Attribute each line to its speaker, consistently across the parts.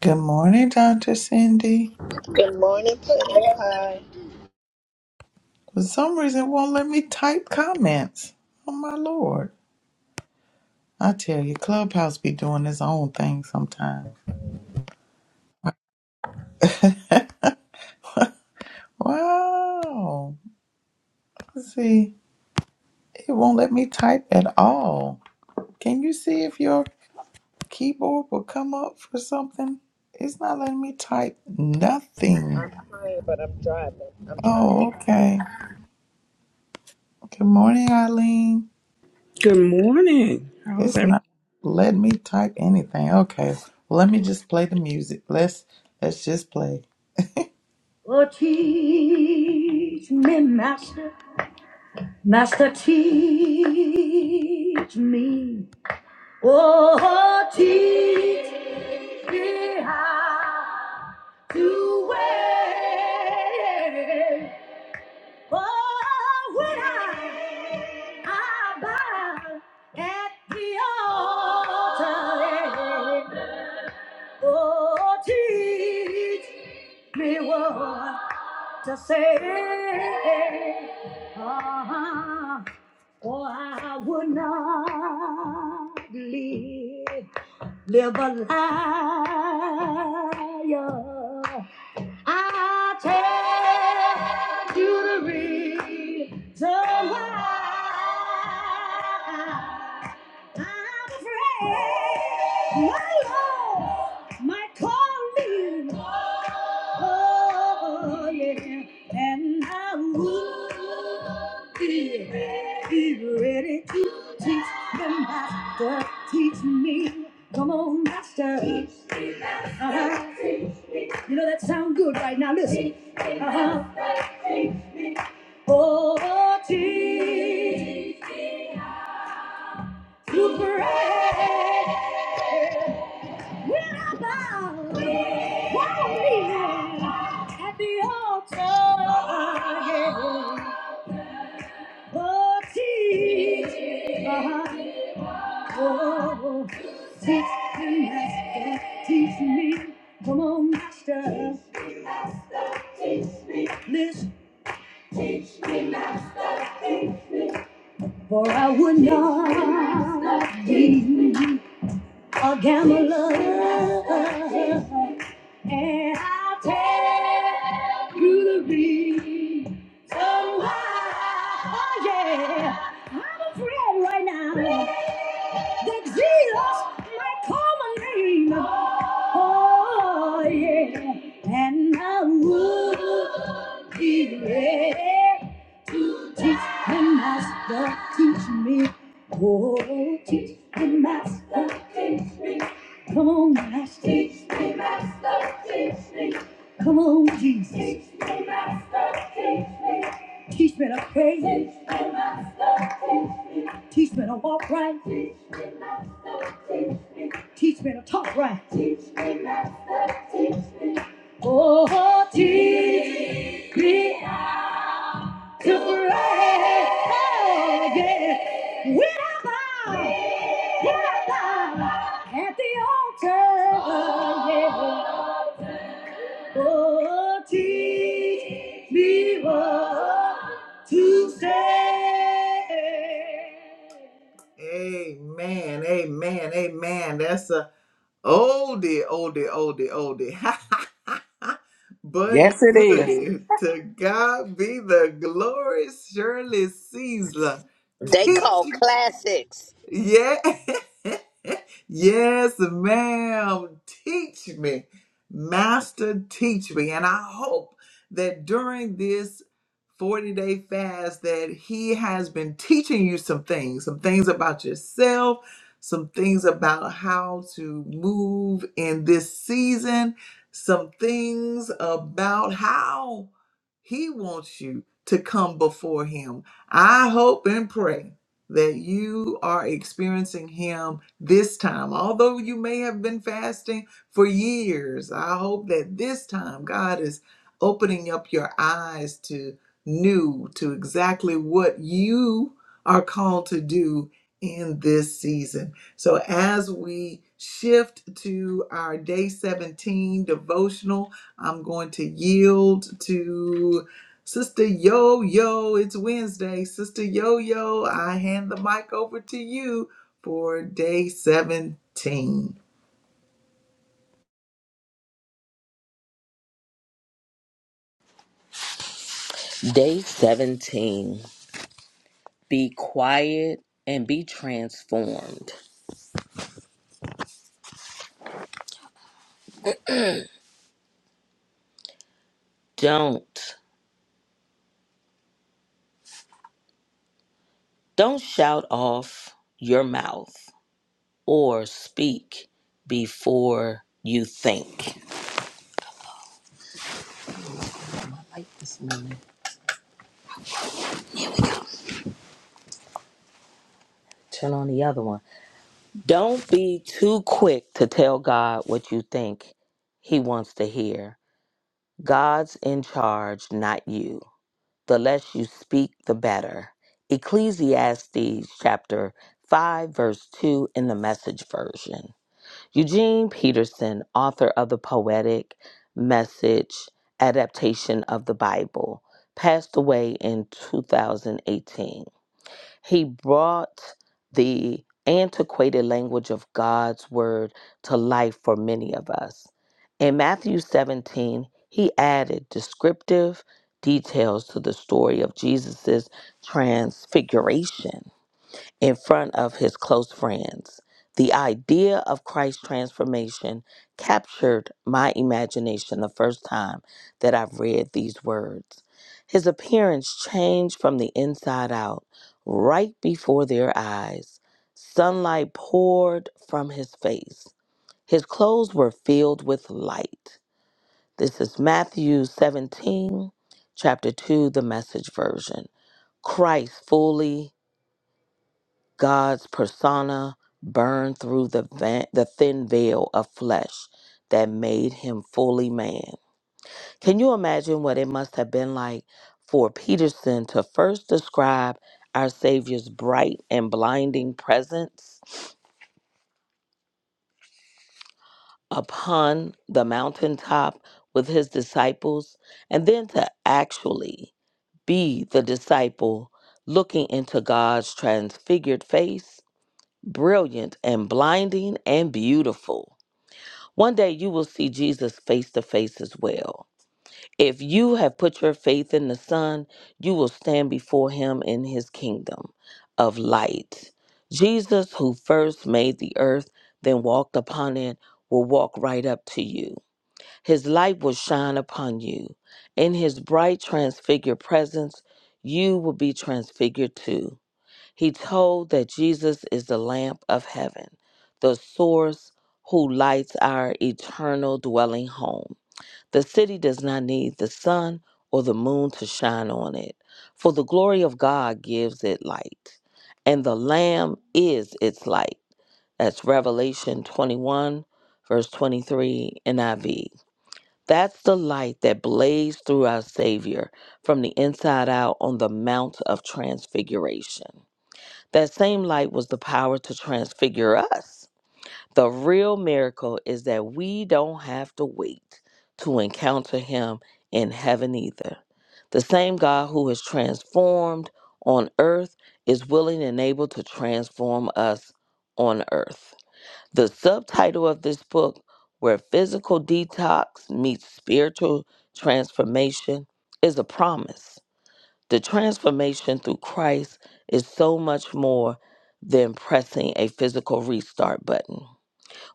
Speaker 1: Good morning, Dr. Cindy.
Speaker 2: Good morning, Pudding Pie.
Speaker 1: For some reason, it won't let me type comments. Oh, my Lord. I tell you, Clubhouse be doing its own thing sometimes. wow. Let's see, it won't let me type at all. Can you see if your keyboard will come up for something? It's not letting me type nothing.
Speaker 2: I'm trying, but I'm driving. I'm trying.
Speaker 1: Oh, okay. Good morning, Eileen.
Speaker 3: Good morning. How's
Speaker 1: It's
Speaker 3: everything?
Speaker 1: not let me type anything. Okay. Well, let me just play the music. Let's let's just play. Oh, teach me, master. Master, teach me. Oh, teach me how to wait. Oh, when I, I bow at the altar. Oh, teach me what to say. Ah, or I would not live, live a liar. I tell you the reason why I'm afraid my Lord might call me. Oh, yeah, and I would be, be ready to teach the master. Teach me, come on, master. Teach. Uh-huh. You know that sound good right now. Listen. Uh-huh. Oh, Jesus, to pray. When I bow, one me? at the altar. Yeah. Oh, Jesus, uh-huh. oh, teach me, Master, teach me. Come on, Master, listen, for I would not be. a gambler. And I'll tell you the reason why. Oh, yeah. I'm afraid right now that Jesus might call my name. Oh, yeah. And I would be ready to teach the master, teach me. Oh, teach the master, teach me. Come on, master. Teach me, master, teach me. Come on, Jesus. Teach me to pray. Teach me to walk right. Teach me to talk right. Oh, teach me. to pray again with our God, with our God at the altar. Yeah. Oh, teach me what to say. Amen, amen, amen. That's a Oldie, oldie, oldie, oldie. But
Speaker 3: Yes, it is.
Speaker 1: goody, to God be the glory, Shirley Caesar.
Speaker 2: They call classics.
Speaker 1: Yeah. yes, ma'am. Teach me. Master, teach me. And I hope that during this 40 day fast that he has been teaching you some things, some things about yourself, some things about how to move in this season, some things about how he wants you to come before him. I hope and pray that you are experiencing Him this time. Although you may have been fasting for years, I hope that this time God is opening up your eyes to new, to exactly what you are called to do in this season. So as we shift to our day 17 devotional, I'm going to yield to. Sister Yo Yo, it's Wednesday. Sister Yo Yo, I hand the mic over to you for day 17.
Speaker 4: Day 17. Be quiet and be transformed. Don't don't shout off your mouth or speak before you think. Like this moment. Turn on the other one. Don't be too quick to tell God what you think he wants to hear. God's in charge, not you. the less you speak, the better. Ecclesiastes chapter 5, verse 2 in the message version. Eugene Peterson, author of the poetic message adaptation of the Bible, passed away in 2018. He brought the antiquated language of God's word to life for many of us. In Matthew 17, he added descriptive details to the story of Jesus' transfiguration in front of his close friends. The idea of Christ's transformation captured my imagination the first time that I've read these words. His appearance changed from the inside out, right before their eyes. Sunlight poured from his face. His clothes were filled with light. This is Matthew 17, chapter 2, the message version. Christ fully God's persona burned through the, va- the thin veil of flesh that made him fully man. Can you imagine what it must have been like for Peterson to first describe our Savior's bright and blinding presence upon the mountaintop with his disciples, and then to actually be the disciple looking into God's transfigured face, brilliant and blinding and beautiful? One day you will see Jesus face to face as well. If you have put your faith in the Son, you will stand before him in his kingdom of light. Jesus, who first made the earth, then walked upon it, will walk right up to you. His light will shine upon you. In his bright, transfigured presence, you will be transfigured too. He told that Jesus is the lamp of heaven, the source who lights our eternal dwelling home. The city does not need the sun or the moon to shine on it, for the glory of God gives it light, and the Lamb is its light. That's Revelation 21, verse 23, NIV. That's the light that blazed through our Savior from the inside out on the Mount of Transfiguration. That same light was the power to transfigure us. The real miracle is that we don't have to wait to encounter him in heaven either. The same God who has transformed on earth is willing and able to transform us on earth. The subtitle of this book, Where Physical Detox Meets Spiritual Transformation, is a promise the transformation through Christ is so much more than pressing a physical restart button.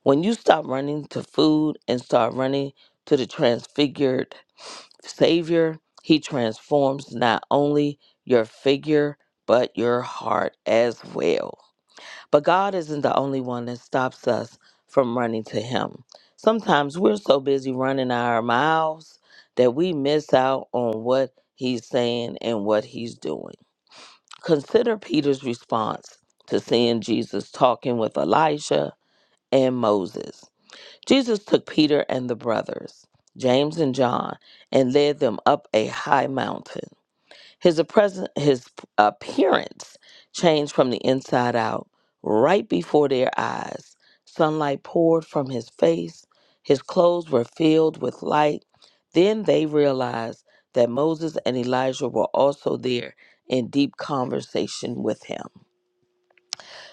Speaker 4: When you stop running to food and start running to the transfigured Savior, He transforms not only your figure, but your heart as well. But God isn't the only one that stops us from running to Him. Sometimes we're so busy running our miles that we miss out on what He's saying and what He's doing. Consider Peter's response to seeing Jesus talking with Elijah and Moses. Jesus took Peter and the brothers, James and John, and led them up a high mountain. His present his appearance changed from the inside out, right before their eyes. Sunlight poured from his face. His clothes were filled with light. Then they realized that Moses and Elijah were also there in deep conversation with him.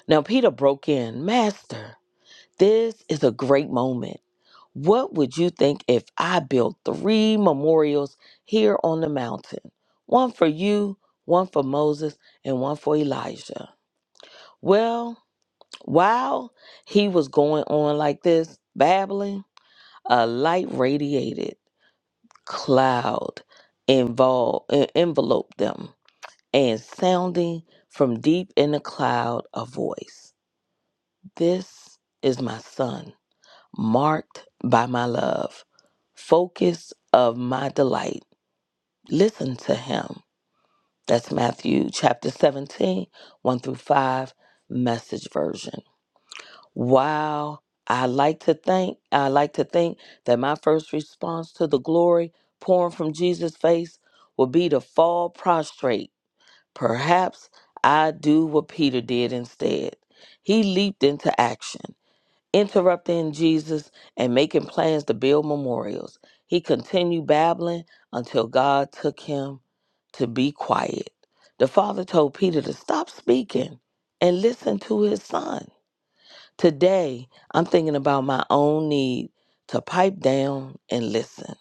Speaker 4: Now Peter broke in, "Master, this is a great moment. What would you think if I built three memorials here on the mountain? One for you, one for Moses, and one for Elijah. Well, while he was going on like this, babbling, a light radiated cloud involved, enveloped them, and sounding from deep in the cloud a voice This is my son marked by my love, focus of my delight. Listen to him. That's Matthew chapter seventeen, one through 5, message version. Wow. I like to think I like to think that my first response to the glory pouring from Jesus' face will be to fall prostrate. Perhaps I do what Peter did instead. He leaped into action interrupting Jesus and making plans to build memorials. He continued babbling until God took him to be quiet. The father told Peter to stop speaking and listen to his son. Today, I'm thinking about my own need to pipe down and listen.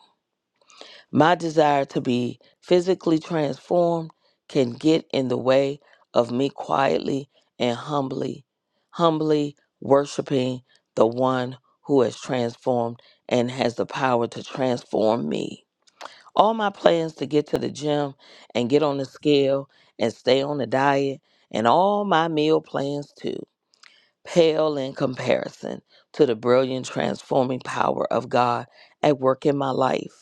Speaker 4: My desire to be physically transformed can get in the way of me quietly and humbly, humbly worshiping the one who has transformed and has the power to transform me. All my plans to get to the gym and get on the scale and stay on the diet, and all my meal plans too, pale in comparison to the brilliant transforming power of God at work in my life.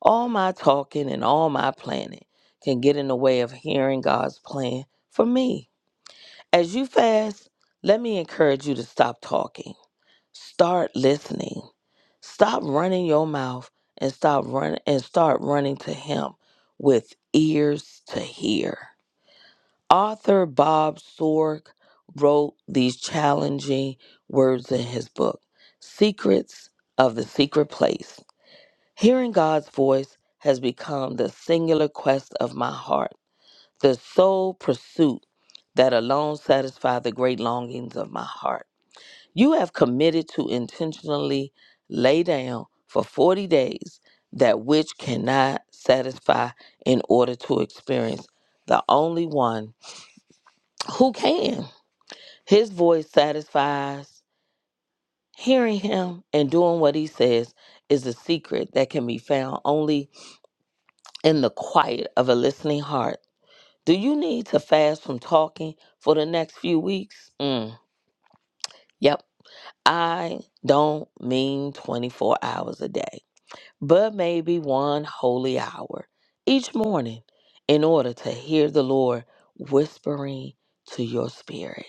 Speaker 4: All my talking and all my planning can get in the way of hearing God's plan for me. As you fast, let me encourage you to stop talking. Start listening. Stop running your mouth and stop run and start running to him with ears to hear. Author Bob Sorg wrote these challenging words in his book, Secrets of the Secret Place. Hearing God's voice has become the singular quest of my heart, the sole pursuit that alone satisfies the great longings of my heart. You have committed to intentionally lay down for 40 days that which cannot satisfy in order to experience the only one who can. His voice satisfies. Hearing him and doing what he says is a secret that can be found only in the quiet of a listening heart. Do you need to fast from talking for the next few weeks? Mm, yep. I don't mean 24 hours a day, but maybe one holy hour each morning in order to hear the Lord whispering to your spirit.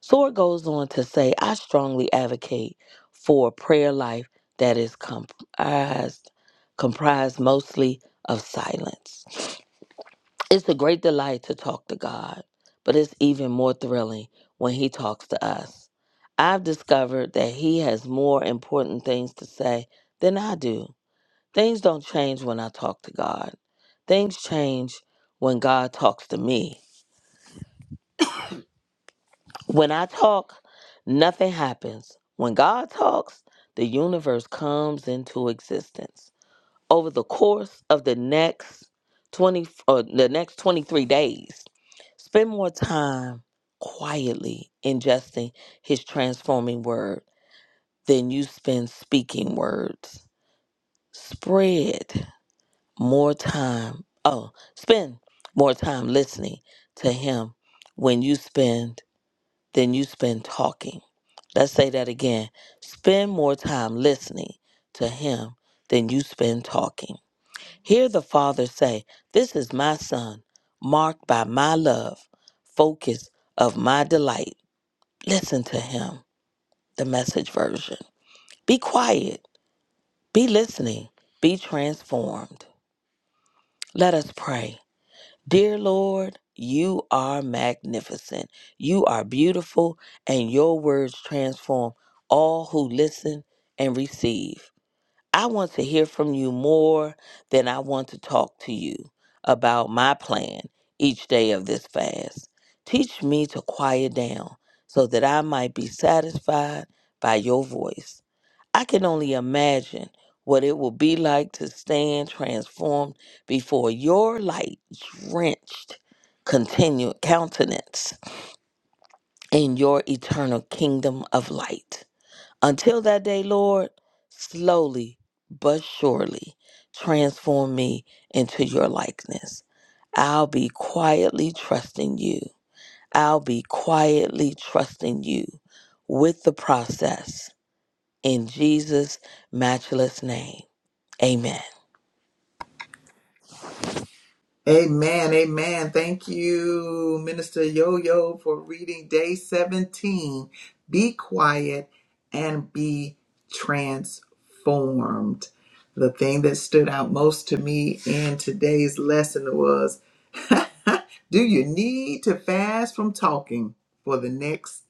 Speaker 4: Sword goes on to say, I strongly advocate for a prayer life that is comprised, comprised mostly of silence It's a great delight to talk to God, but it's even more thrilling when He talks to us. I've discovered that He has more important things to say than I do. Things don't change when I talk to God, things change when God talks to me. When I talk, nothing happens. When God talks, the universe comes into existence. over the course of the next 20 or the next 23 days spend more time quietly ingesting his transforming word than you spend speaking words spread more time oh spend more time listening to him when you spend than you spend talking let's say that again spend more time listening to him than you spend talking Hear the Father say, This is my Son, marked by my love, focus of my delight. Listen to him, the message version. Be quiet, be listening, be transformed. Let us pray. Dear Lord, you are magnificent, you are beautiful, and your words transform all who listen and receive. I want to hear from you more than I want to talk to you about my plan each day of this fast. Teach me to quiet down so that I might be satisfied by your voice. I can only imagine what it will be like to stand transformed before your light drenched continued countenance in your eternal kingdom of light. Until that day, Lord, slowly but surely transform me into your likeness. I'll be quietly trusting you. I'll be quietly trusting you with the process in Jesus' matchless name. Amen.
Speaker 1: Amen, amen. Thank you, Minister Yo Yo, for reading day 17. Be quiet and be transformed. The thing that stood out most to me in today's lesson was do you need to fast from talking for the next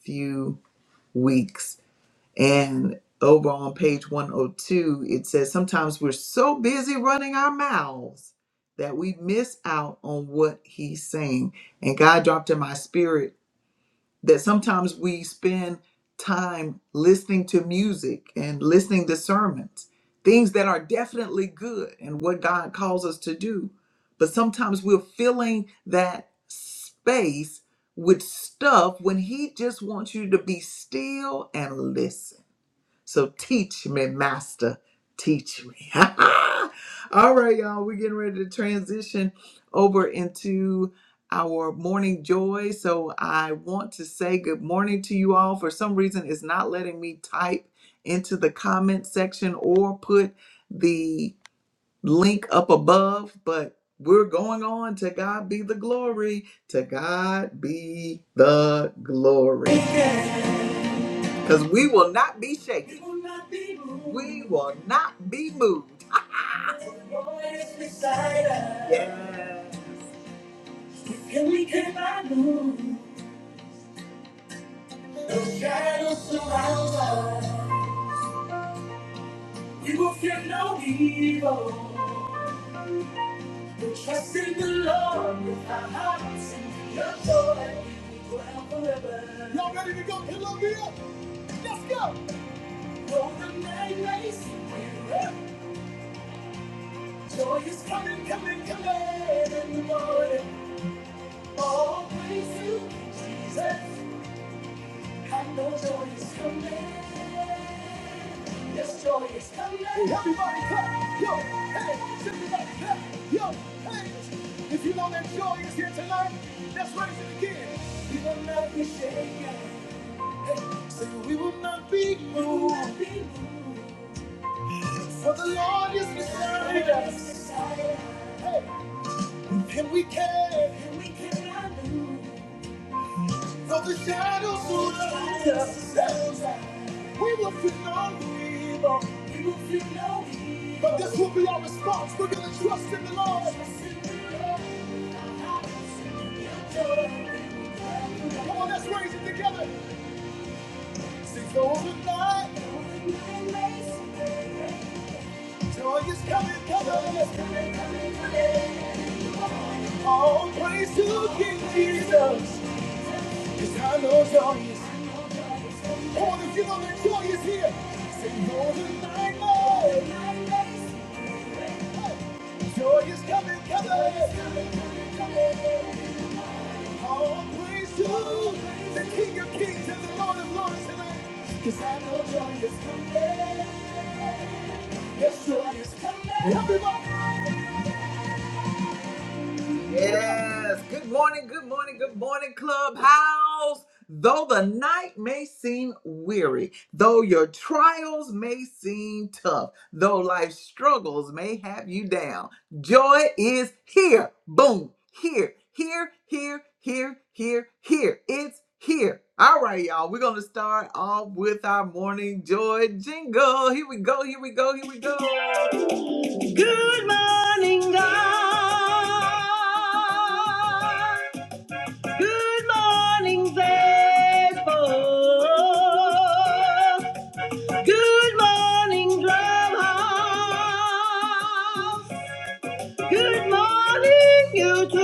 Speaker 1: few weeks? And over on page 102, it says sometimes we're so busy running our mouths that we miss out on what he's saying. And God dropped in my spirit that sometimes we spend time listening to music and listening to sermons, things that are definitely good and what God calls us to do. But sometimes we're filling that space with stuff when he just wants you to be still and listen. So teach me, Master, teach me. All right, y'all, we're getting ready to transition over into our morning joy. So I want to say good morning to you all. For some reason, it's not letting me type into the comment section or put the link up above, but we're going on. To God be the glory. To God be the glory. Because we will not be shaken. We will not be moved. We will not be moved. Ah. The Lord is beside us. Yeah. With him we cannot move. No shadows surround us. We will fear no evil. Trust in the Lord with our hearts and your joy will dwell forever. Y'all ready to go, Columbia? Though the night may seem weary, joy is coming, coming, coming in the morning. All praise you, Jesus. I know joy is coming. Yes, joy is coming. Hey, everybody clap. Yo, hey, everybody clap. Yo, hey. If you know that joy is here tonight, let's raise it again. We will not be shaken. Say we will not be moved, for the Lord is beside us. Hey, and we can, for the shadows surround us. Hey, We will feel no evil, but this will be our response. We're gonna trust in the Lord. Come on, let's raise it together. Sing though the Joy is coming, coming, is coming, coming, coming. All praise to King Jesus. It's time to joy is. Come on, if you know that joy is here, say Northern Light, Lord. Hey. Joy is coming, coming, is coming, coming, coming. All praise to the King of Kings and the Lord of Lords tonight. 'Cause I know joy is coming, joy is coming. Everybody. Yes. Good morning, good morning, good morning, Clubhouse. Though the night may seem weary, though your trials may seem tough, though life's struggles may have you down, joy is here. Boom. Here, here, here, here, here, here. It's here. All right, y'all. We're going to start off with our morning joy jingle. Here we go. Here we go. Here we go. Good morning, God. Good morning, Facebook. Good morning, clubhouse. Good morning, YouTube.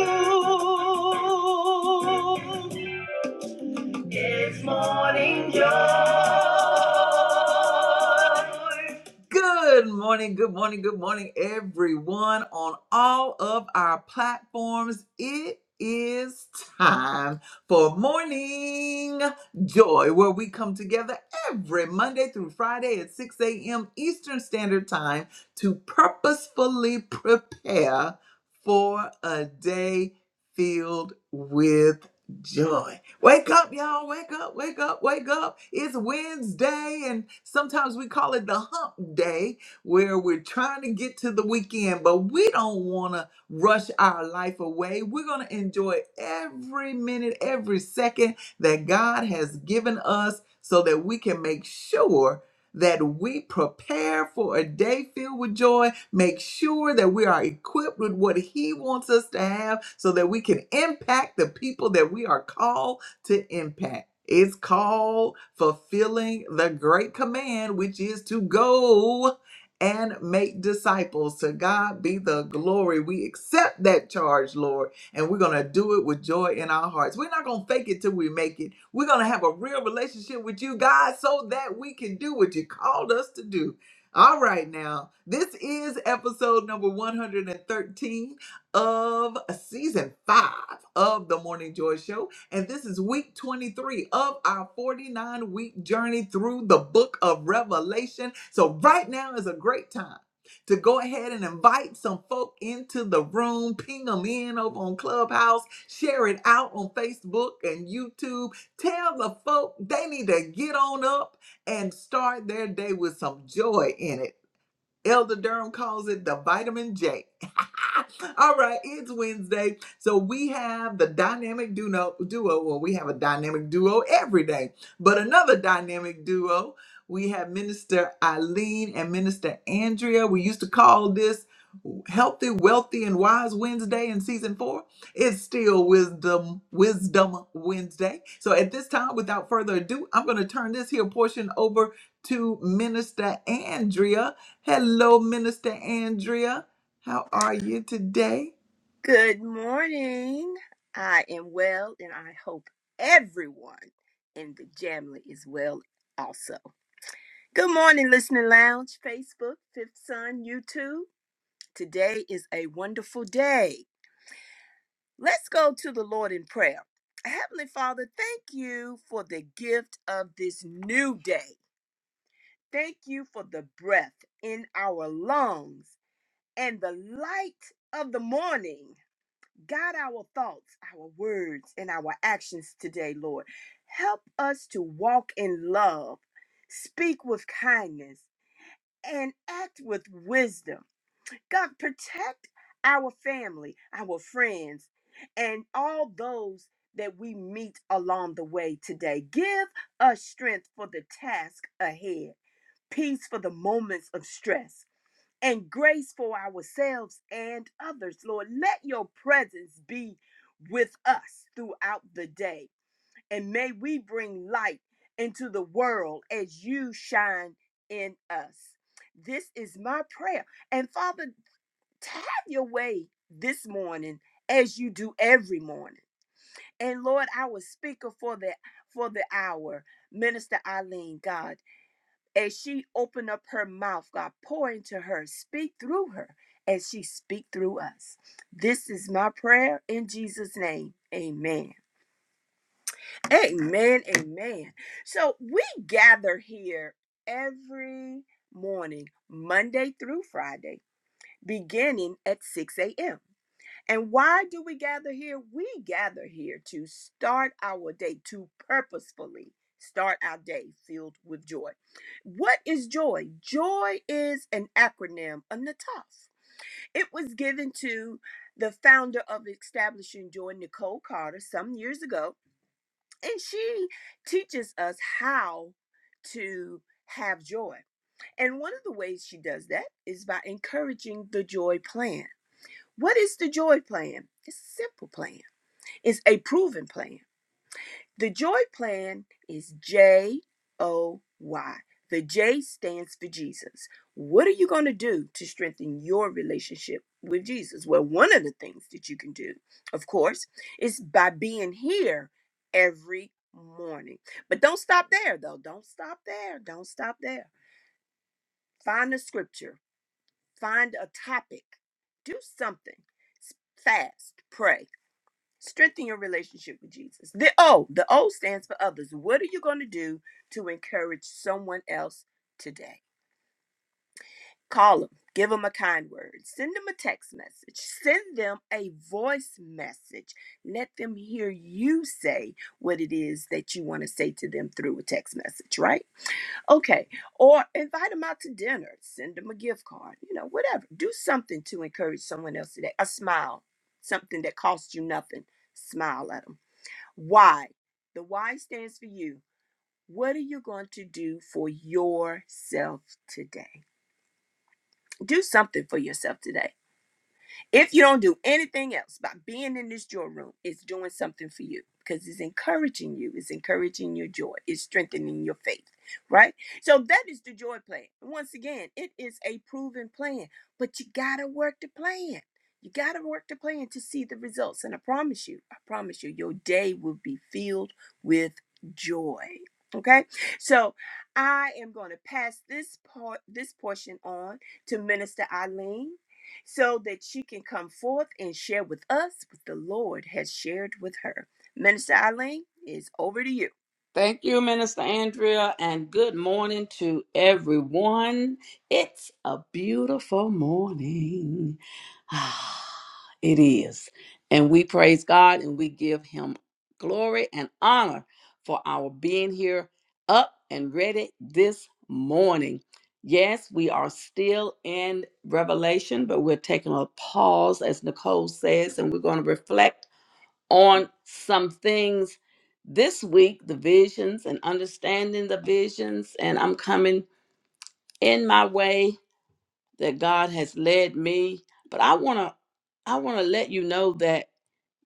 Speaker 1: Good morning, good morning, good morning, everyone on all of our platforms. It is time for Morning Joy, where we come together every Monday through Friday at 6 a.m. Eastern Standard Time to purposefully prepare for a day filled with joy. Wake up, y'all. Wake up, wake up, wake up. It's Wednesday, and sometimes we call it the hump day where we're trying to get to the weekend, but we don't want to rush our life away. We're going to enjoy every minute, every second that God has given us so that we can make sure. That we prepare for a day filled with joy, make sure that we are equipped with what He wants us to have so that we can impact the people that we are called to impact. It's called fulfilling the great command, which is to go and make disciples. To God be the glory. We accept that charge, Lord, and we're going to do it with joy in our hearts. We're not going to fake it till we make it. We're going to have a real relationship with you, God, so that we can do what you called us to do. All right, now, this is episode number 113 of season five of the Morning Joy Show. And this is week 23 of our 49 week journey through the book of Revelation. So, right now is a great time to go ahead and invite some folk into the room, ping them in over on Clubhouse, share it out on Facebook and YouTube. Tell the folk they need to get on up and start their day with some joy in it. Elder Durham calls it the vitamin J. All right, it's Wednesday. So we have the dynamic duo, duo. Well, we have a dynamic duo every day, but another dynamic duo. We have Minister Eileen and Minister Andrea. We used to call this Healthy, Wealthy, and Wise Wednesday in season four. It's still Wisdom, Wisdom Wednesday. So at this time, without further ado, I'm going to turn this here portion over to Minister Andrea Hello, Minister Andrea. How are you today?
Speaker 5: Good morning. I am well, and I hope everyone in the Jamly is well also. Good morning, Listening Lounge, Facebook, Fifth Sun, YouTube. Today is a wonderful day. Let's go to the Lord in prayer. Heavenly Father, thank you for the gift of this new day. Thank you for the breath in our lungs and the light of the morning. Guide our thoughts, our words, and our actions today, Lord. Help us to walk in love, speak with kindness, and act with wisdom. God, protect our family, our friends, and all those that we meet along the way today. Give us strength for the task ahead, peace for the moments of stress and grace for ourselves and others. Lord, let your presence be with us throughout the day, and may we bring light into the world as you shine in us. This is my prayer. And Father, have your way this morning as you do every morning. And Lord, our speaker for the for the hour, Minister Eileen God as she opened up her mouth, God, pour into her, speak through her as she speak through us. This is my prayer in Jesus' name. Amen. Amen. Amen. So we gather here every morning, Monday through Friday, beginning at 6 a.m. And why do we gather here? We gather here to start our day, to purposefully start our day filled with joy. What is joy? Joy is an acronym, a NATAF. It was given to the founder of Establishing Joy, Nicole Carter, some years ago, and she teaches us how to have joy. And one of the ways she does that is by encouraging the joy plan what is the joy plan? It's a simple plan, it's a proven plan. The joy plan is J O Y. The J stands for Jesus. What are you going to do to strengthen your relationship with Jesus? Well, one of the things that you can do, of course, is by being here every morning. But don't stop there, though. Don't stop there. Don't stop there. Find a scripture, find a topic, do something. Fast, pray. Strengthen your relationship with Jesus. The O, the O stands for others. What are you going to do to encourage someone else today? Call them, give them a kind word, send them a text message, send them a voice message. Let them hear you say what it is that you want to say to them through a text message, right? Okay. Or invite them out to dinner, send them a gift card, you know, whatever. Do something to encourage someone else today. A smile, something that costs you nothing. Smile at them why? The why stands for you. What are you going to do for yourself today? Do something for yourself today. If you don't do anything else by being in this joy room, it's doing something for you because it's encouraging you, it's encouraging your joy, it's strengthening your faith, right? So that is the joy plan. Once again, it is a proven plan, but you got to work the plan. You got to work the plan to see the results. And I promise you, I promise you, your day will be filled with joy. Okay, so I am going to pass this part, this portion on to Minister Eileen so that she can come forth and share with us what the Lord has shared with her. Minister Eileen, it's over to you.
Speaker 3: Thank you, Minister Andrea, and good morning to everyone. It's a beautiful morning. Ah, it is. And we praise God and we give Him glory and honor for our being here up and ready this morning. Yes, we are still in Revelation, but we're taking a pause, as Nicole says, and we're going to reflect on some things this week the visions and understanding the visions and i'm coming in my way that god has led me but i want to i want to let you know that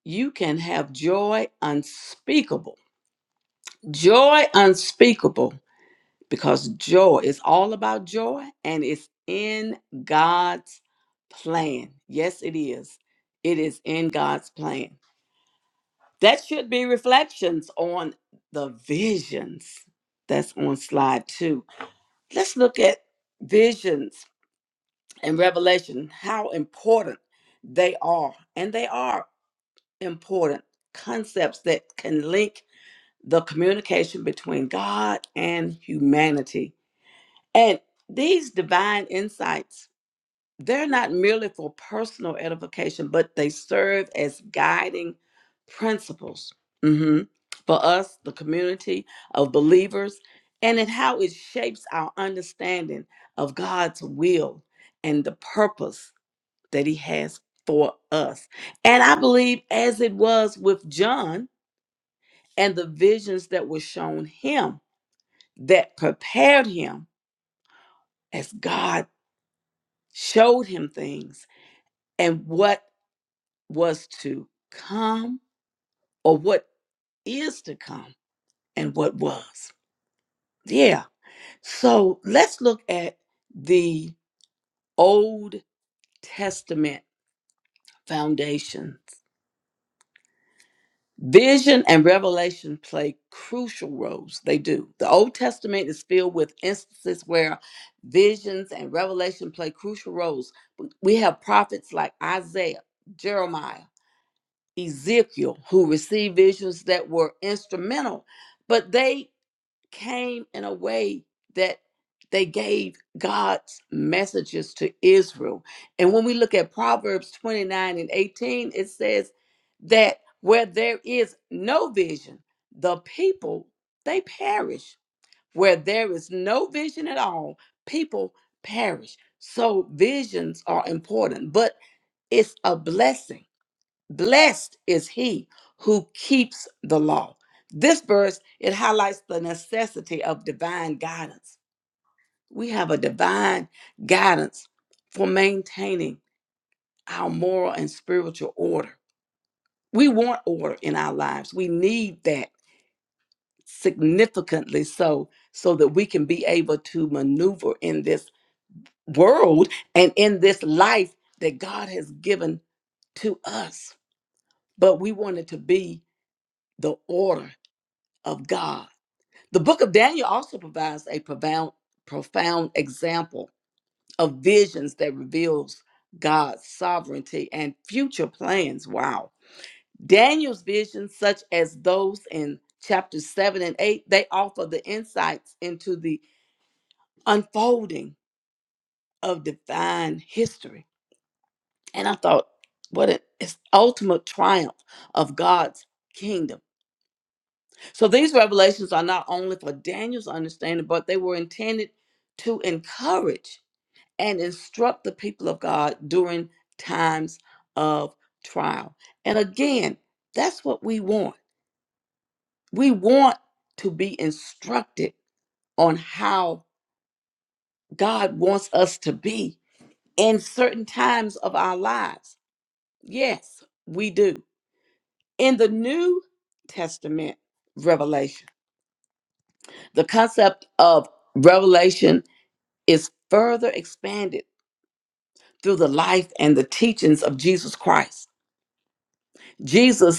Speaker 3: you can have joy unspeakable joy unspeakable because joy is all about joy and it's in god's plan yes it is it is in god's plan That should be reflections on the visions that's on slide two. Let's look at visions and revelation, how important they are. And they are important concepts that can link the communication between God and humanity. And these divine insights they're not merely for personal edification, but they serve as guiding principles mhm, for us, the community of believers, and in how it shapes our understanding of God's will and the purpose that He has for us. And I believe, as it was with John and the visions that were shown him that prepared him as God showed him things and what was to come or what is to come and what was. Yeah. So let's look at the Old Testament foundations. Vision and revelation play crucial roles. They do. The Old Testament is filled with instances where visions and revelation play crucial roles. We have prophets like Isaiah, Jeremiah, Ezekiel, who received visions that were instrumental, but they came in a way that they gave God's messages to Israel. And when we look at Proverbs 29 and 18, it says that where there is no vision, the people they perish. Where there is no vision at all, people perish. So visions are important, but it's a blessing Blessed is he who keeps the law. This verse it highlights the necessity of divine guidance. We have a divine guidance for maintaining our moral and spiritual order. We want order in our lives. We need that significantly so so that we can be able to maneuver in this world and in this life that God has given to us. But we want it to be the order of God The book of Daniel also provides a profound, profound example of visions that reveals God's sovereignty and future plans. Wow. Daniel's visions, such as those in chapters 7 and 8, they offer the insights into the unfolding of divine history. And I thought, what an it's ultimate triumph of God's kingdom. So these revelations are not only for Daniel's understanding, but they were intended to encourage and instruct the people of God during times of trial. And again, that's what we want. We want to be instructed on how God wants us to be in certain times of our lives. Yes, we do. In the New Testament revelation, the concept of revelation is further expanded through the life and the teachings of Jesus Christ. Jesus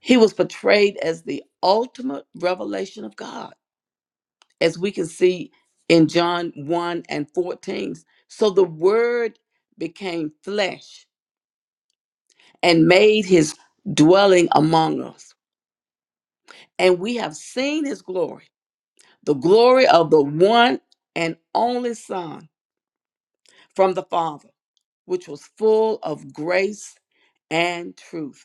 Speaker 3: He was portrayed as the ultimate revelation of God, as we can see in John 1 and 14. So the Word became flesh and made his dwelling among us. And we have seen his glory, the glory of the one and only Son from the Father, which was full of grace and truth.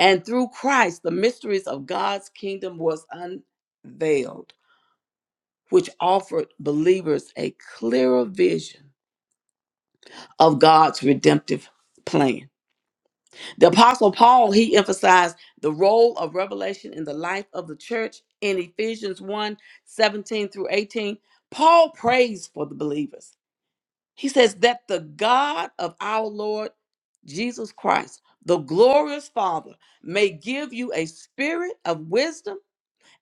Speaker 3: And through Christ, the mysteries of God's kingdom was unveiled which offered believers a clearer vision of God's redemptive plan. The apostle Paul, he emphasized the role of revelation in the life of the church in Ephesians one 17 through 18. Paul prays for the believers. He says that the God of our Lord Jesus Christ, the glorious Father, may give you a spirit of wisdom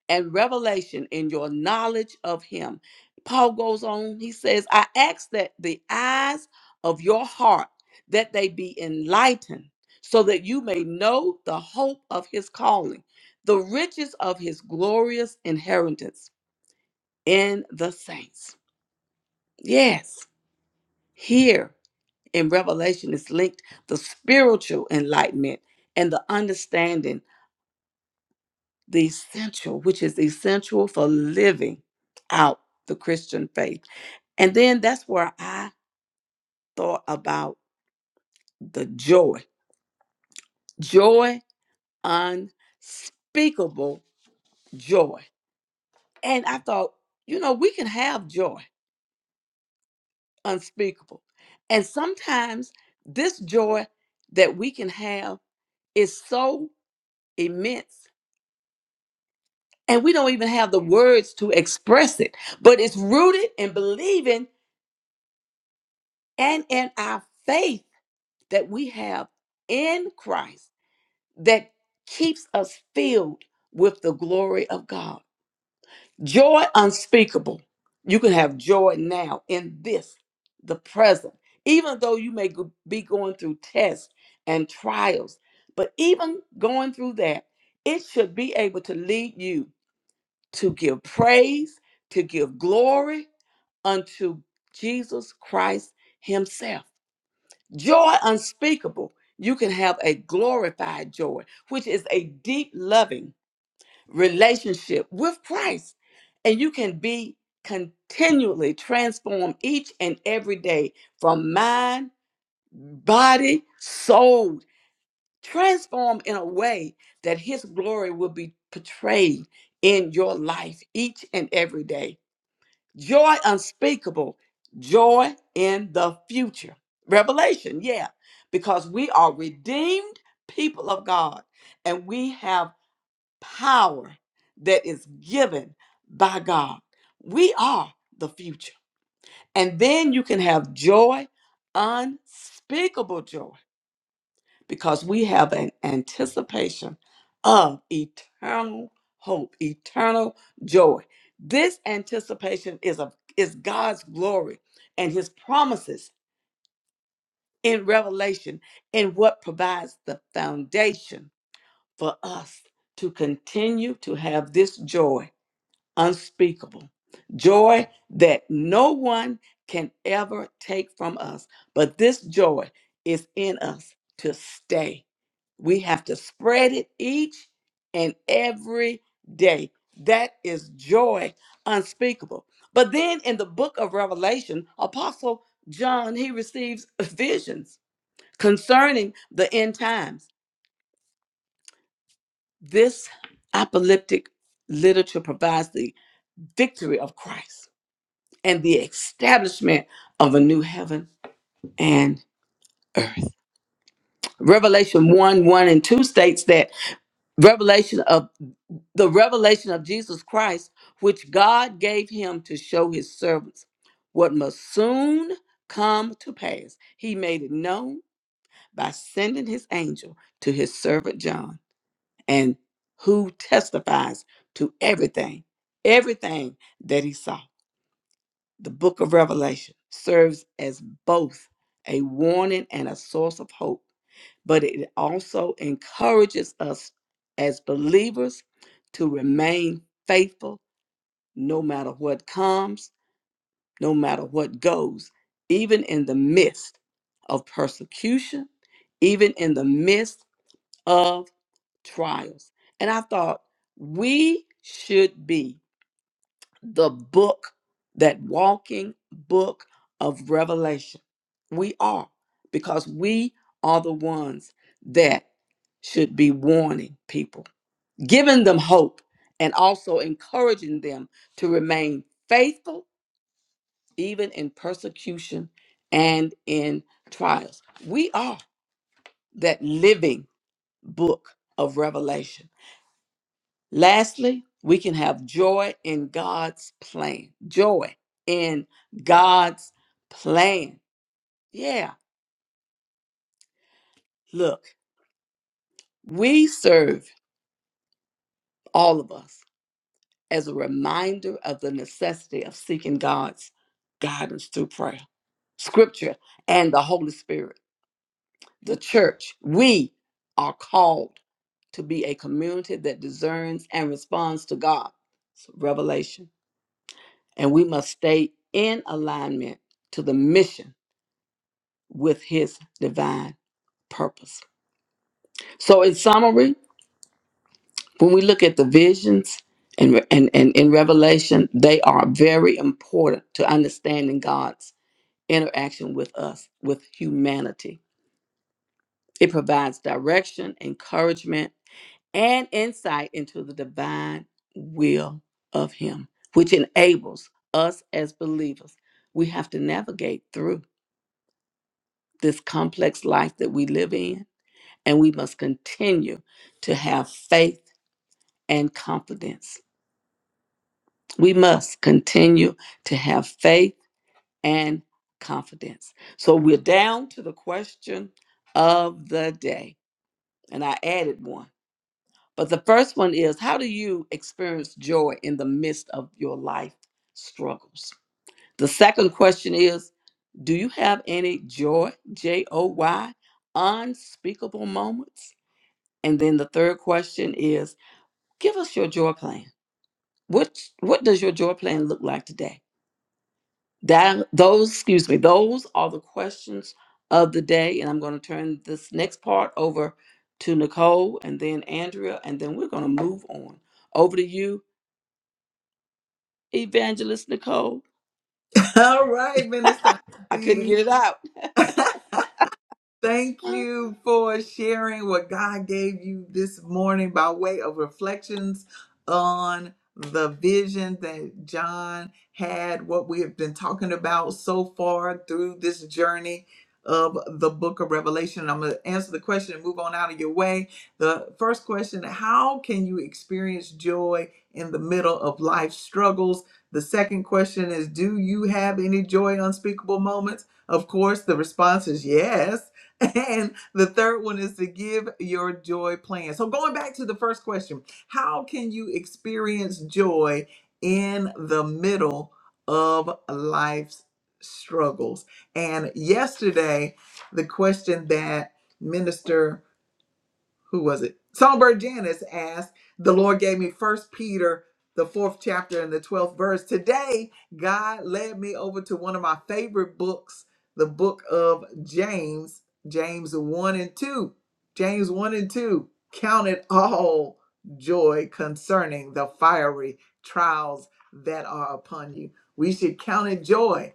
Speaker 3: and revelation in your knowledge of him. Paul goes on, he says, I ask that the eyes of your heart that they be enlightened so that you may know the hope of his calling, the riches of his glorious inheritance in the saints. Yes, here in Revelation is linked the spiritual enlightenment and the understanding the essential, which is essential for living out the Christian faith. And then that's where I thought about the joy, joy, unspeakable joy. And I thought, you know, we can have joy, unspeakable. And sometimes this joy that we can have is so immense, and we don't even have the words to express it, but it's rooted in believing and in our faith that we have in Christ that keeps us filled with the glory of God. Joy unspeakable. You can have joy now in this, the present, even though you may go- be going through tests and trials. But even going through that, it should be able to lead you to give praise, to give glory unto Jesus Christ Himself. Joy unspeakable. You can have a glorified joy, which is a deep, loving relationship with Christ. And you can be continually transformed each and every day from mind, body, soul, transformed in a way that His glory will be portrayed in your life each and every day joy unspeakable, joy in the future. Revelation, yeah, because we are redeemed people of God and we have power that is given by God. We are the future. And then you can have joy, unspeakable joy because we have an anticipation of eternal hope, eternal joy. This anticipation is of is God's glory and his promises in revelation and what provides the foundation for us to continue to have this joy unspeakable. Joy that no one can ever take from us, but this joy is in us to stay we have to spread it each and every day. That is joy unspeakable. But then in the book of Revelation, Apostle John, he receives visions concerning the end times. This apocalyptic literature provides the victory of Christ and the establishment of a new heaven and earth. Revelation 1 1 and 2 states that revelation of the revelation of Jesus Christ, which God gave him to show his servants what must soon come to pass. He made it known by sending his angel to his servant John, and who testifies to everything, everything that he saw. The book of Revelation serves as both a warning and a source of hope, but it also encourages us as believers to remain faithful no matter what comes, no matter what goes, even in the midst of persecution, even in the midst of trials. And I thought we should be the book, that walking book of Revelation. We are, because we are the ones that should be warning people, giving them hope, and also encouraging them to remain faithful even in persecution and in trials. We are that living book of Revelation. Lastly, we can have joy in God's plan. Joy in God's plan. Yeah, look, we serve all of us as a reminder of the necessity of seeking God's guidance through prayer, scripture, and the Holy Spirit. the church, we are called to be a community that discerns and responds to God. It's revelation. And we must stay in alignment to the mission with his divine purpose. So in summary, when we look at the visions and and, and in Revelation, they are very important to understanding God's interaction with us, with humanity. It provides direction, encouragement, and insight into the divine will of Him, which enables us as believers. We have to navigate through this complex life that we live in, and we must continue to have faith and confidence. We must continue to have faith and confidence. So we're down to the question of the day, and I added one But the first one is how do you experience joy in the midst of your life struggles? The second question is do you have any joy, J O Y, unspeakable moments? And then the third question is give us your joy plan. What what does your joy plan look like today? That those, excuse me, those are the questions of the day and I'm going to turn this next part over to Nicole and then Andrea and then we're going to move on. Over to you Evangelist Nicole.
Speaker 1: All right, Minister.
Speaker 3: I couldn't get it out.
Speaker 1: Thank you for sharing what God gave you this morning by way of reflections on the vision that John had, what we have been talking about so far through this journey of the book of Revelation. I'm going to answer the question and move on out of your way. The first question How can you experience joy in the middle of life struggles? The second question is Do you have any joy unspeakable moments? Of course, the response is yes and the third one is to give your joy plan. So, going back to the first question, how can you experience joy in the middle of life's struggles? And yesterday, the question that Minister who was it? Songbird Janice asked, The Lord gave me first Peter, the fourth chapter and the twelfth verse. Today, God led me over to one of my favorite books, the book of James, James 1 and 2. James 1 and 2. Count it all joy concerning the fiery trials that are upon you. We should count it joy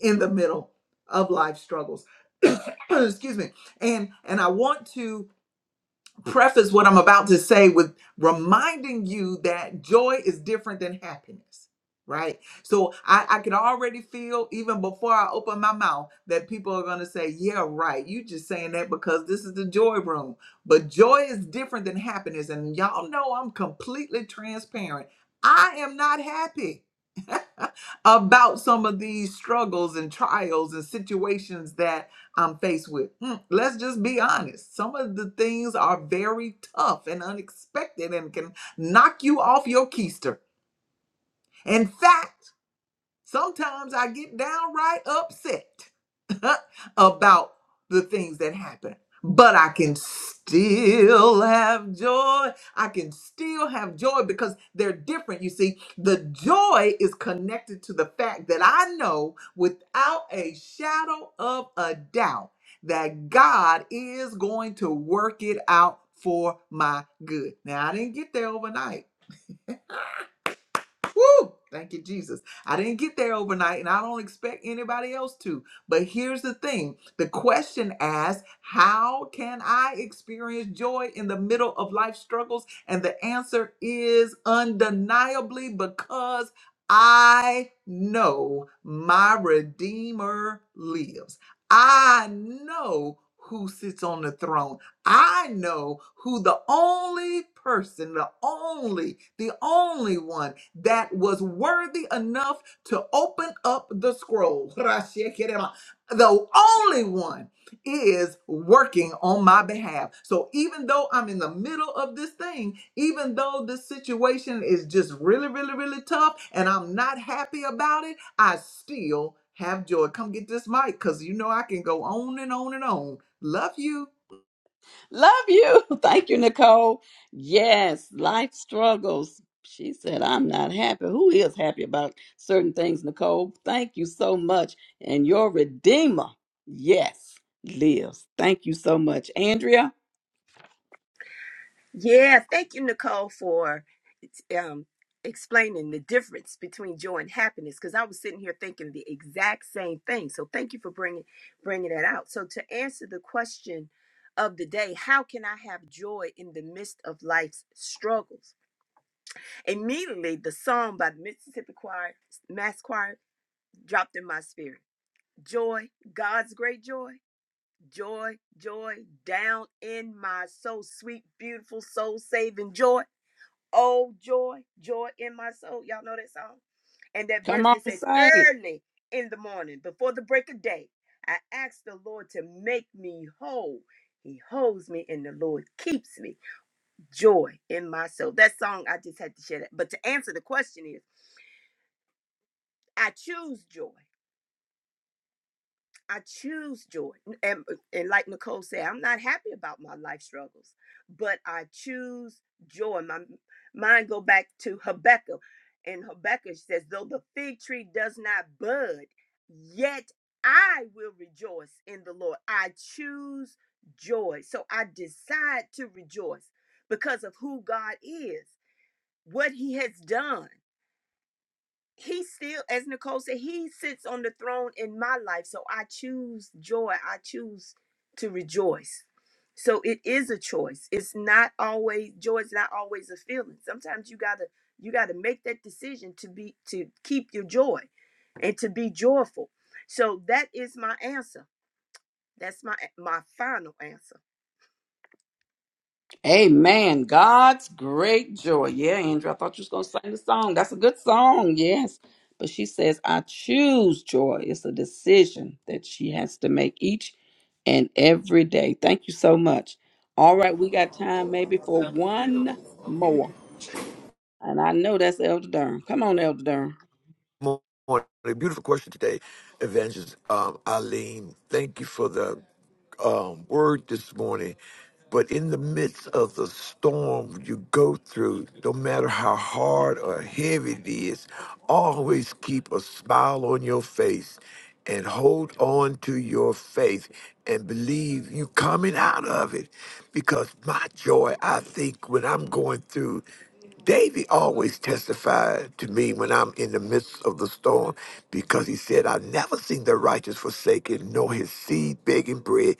Speaker 1: in the middle of life struggles. Excuse me. And and I want to preface what I'm about to say with reminding you that joy is different than happiness, right? So I, I could already feel, even before I open my mouth, that people are going to say, Yeah, right. You just saying that because this is the joy room. But joy is different than happiness. And y'all know I'm completely transparent. I am not happy about some of these struggles and trials and situations that I'm faced with. Hmm, let's just be honest. Some of the things are very tough and unexpected and can knock you off your keister. In fact, sometimes I get downright upset. about the things that happen. But I can still have joy. I can still have joy because they're different. You see, the joy is connected to the fact that I know without a shadow of a doubt that God is going to work it out for my good. Now, I didn't get there overnight. Woo! Thank you, Jesus. I didn't get there overnight, and I don't expect anybody else to. But here's the thing the question asked, How can I experience joy in the middle of life struggles? And the answer is undeniably because I know my Redeemer lives. I know who sits on the throne. I know who the only person, the only, the only one that was worthy enough to open up the scroll. The only one is working on my behalf. So even though I'm in the middle of this thing, even though this situation is just really, really, really tough and I'm not happy about it, I still have joy. Come get this mic because you know I can go on and on and on. Love you.
Speaker 3: Love you. Thank you, Nicole. Yes, life struggles. She said, I'm not happy. Who is happy about certain things, Nicole? Thank you so much. And your Redeemer, yes, lives. Thank you so much. Andrea,
Speaker 5: Yeah, thank you, Nicole, for um, explaining the difference between joy and happiness. Because I was sitting here thinking the exact same thing. So thank you for bringing bringing that out. So to answer the question of the day, how can I have joy in the midst of life's struggles? Immediately, the song by the Mississippi Choir, Mass Choir, dropped in my spirit. joy, God's great joy, joy, joy down in my soul, sweet, beautiful, soul saving joy. Oh, joy, joy in my soul. Y'all know that song? And that
Speaker 3: come
Speaker 5: verse,
Speaker 3: on,
Speaker 5: it says,
Speaker 3: sing it.
Speaker 5: Early in the morning, before the break of day, I ask the Lord to make me whole. He holds me and the Lord keeps me. Joy in my soul. That song, I just had to share that. But to answer the question is, I choose joy. I choose joy. And, uh, and like Nicole said, I'm not happy about my life struggles, but I choose joy. My mind go back to Habakkuk. And Habakkuk says, though the fig tree does not bud, yet I will rejoice in the Lord. I choose joy. So I decide to rejoice because of who God is, what he has done he still, as Nicole said, he sits on the throne in my life. So I choose joy. I choose to rejoice. So it is a choice. It's not always joy is not always a feeling. Sometimes you gotta you gotta make that decision to be to keep your joy and to be joyful. So that is my answer. That's my my final answer.
Speaker 3: Amen. God's great joy. Yeah, Andrew, I thought you was going to sing the song. That's a good song. Yes. But she says, I choose joy. It's a decision that she has to make each and every day. Thank you so much. All right, we got time maybe for one more. And I know that's Elder Durham. Come on, Elder Durham.
Speaker 6: morning. a Beautiful question today, Evangelist um, Eileen. Thank you for the um, word this morning. But in the midst of the storm you go through, no matter how hard or heavy it is, always keep a smile on your face and hold on to your faith and believe you coming out of it. Because my joy, I think, when I'm going through David always testified to me when I'm in the midst of the storm because he said, I've never seen the righteous forsaken, nor his seed begging bread.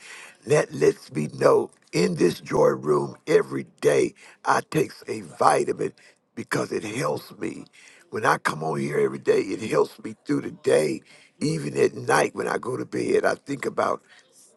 Speaker 6: That lets me know in this joy room every day I takes a vitamin because it helps me. When I come on here every day, it helps me through the day. Even at night when I go to bed, I think about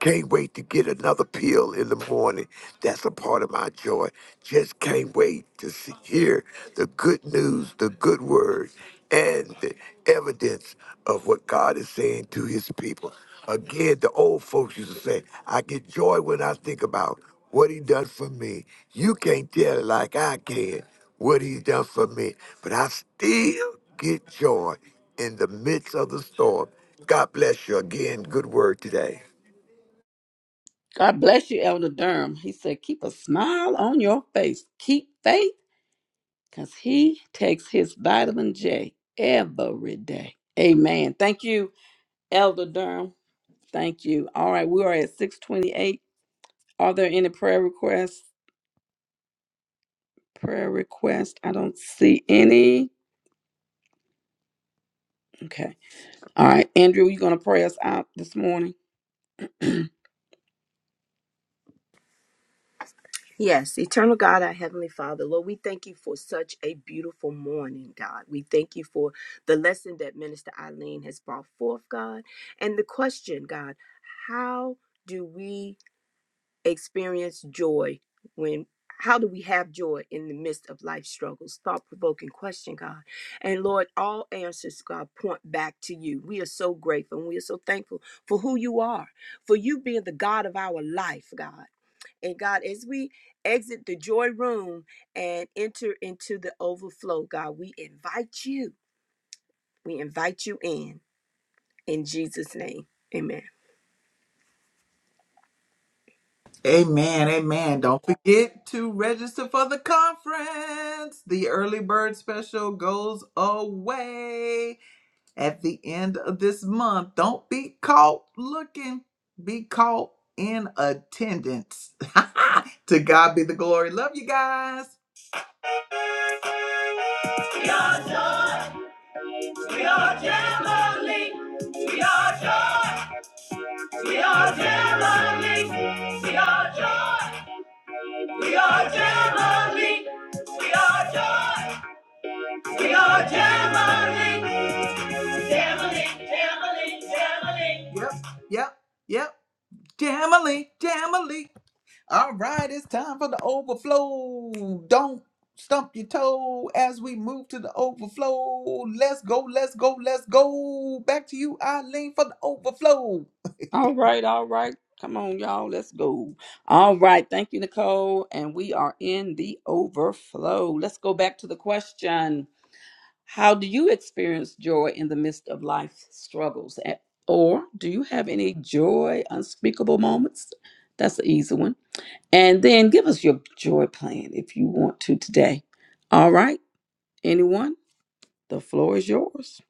Speaker 6: can't wait to get another pill in the morning. That's a part of my joy. Just can't wait to see, hear the good news, the good word, and the evidence of what God is saying to his people. Again, the old folks used to say, I get joy when I think about what he done for me. You can't tell it like I can what he's done for me, but I still get joy in the midst of the storm. God bless you again. Good word today.
Speaker 3: God bless you, Elder Durham. He said, Keep a smile on your face. Keep faith because he takes his vitamin J every day. Amen. Thank you, Elder Durham. Thank you. All right, we are at 628. Are there any prayer requests? Prayer requests? I don't see any. Okay. All right, Andrew, you going to pray us out this morning?
Speaker 5: Yes, eternal God, our Heavenly Father, Lord, we thank you for such a beautiful morning, God. We thank you for the lesson that Minister Eileen has brought forth, God. And the question, God, how do we experience joy when how do we have joy in the midst of life struggles thought provoking question god and lord all answers god point back to you we are so grateful and we are so thankful for who you are for you being the god of our life god and god as we exit the joy room and enter into the overflow god we invite you we invite you in in jesus name amen
Speaker 1: Amen, amen. Don't forget to register for the conference. The early bird special goes away at the end of this month. Don't be caught looking, be caught in attendance. to God be the glory. Love you guys. We are joy, we are family. We are joy, we are family. We are joy. We are Jamali. We are joy. We are Jamali. Jamali, Jamali, Jamali. Yep, yep, yep. Jamali, Jamali. All right, it's time for the overflow. Don't stump your toe as we move to the overflow. Let's go, let's go, let's go. Back to you, Eileen, for the overflow.
Speaker 3: All right, all right. Come on, y'all. Let's go. All right. Thank you, Nicole. And we are in the overflow. Let's go back to the question How do you experience joy in the midst of life's struggles? A- Or do you have any joy, unspeakable moments? That's the easy one. And then give us your joy plan if you want to today. All right. Anyone? The floor is yours.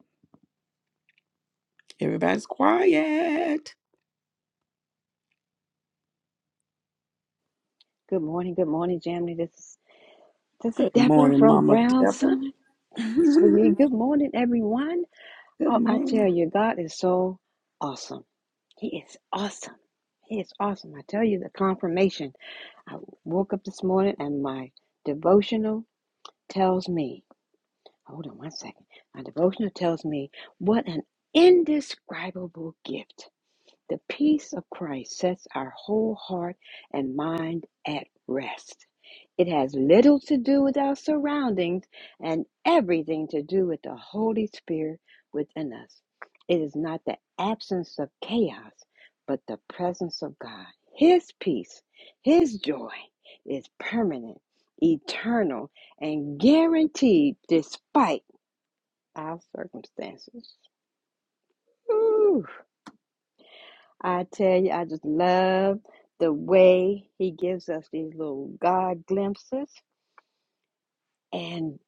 Speaker 3: Everybody's quiet.
Speaker 7: Good morning, good morning, Jamie. This is this is
Speaker 3: Good
Speaker 7: Deborah
Speaker 3: morning,
Speaker 7: from
Speaker 3: Mama
Speaker 7: Brown
Speaker 3: Deborah.
Speaker 7: Summit. It's for you. Good morning, everyone.
Speaker 3: Good
Speaker 7: Oh, I tell
Speaker 3: morning.
Speaker 7: you, God is so awesome. He is awesome. He is awesome. I tell you the confirmation. I woke up this morning and my devotional tells me. Hold on one second. My devotional tells me what an indescribable gift. The peace of Christ sets our whole heart and mind at rest. It has little to do with our surroundings and everything to do with the Holy Spirit within us. It is not the absence of chaos, but the presence of God. His peace, His joy is permanent, eternal, and guaranteed despite our circumstances. Ooh, I tell you, I just love the way He gives us these little God glimpses and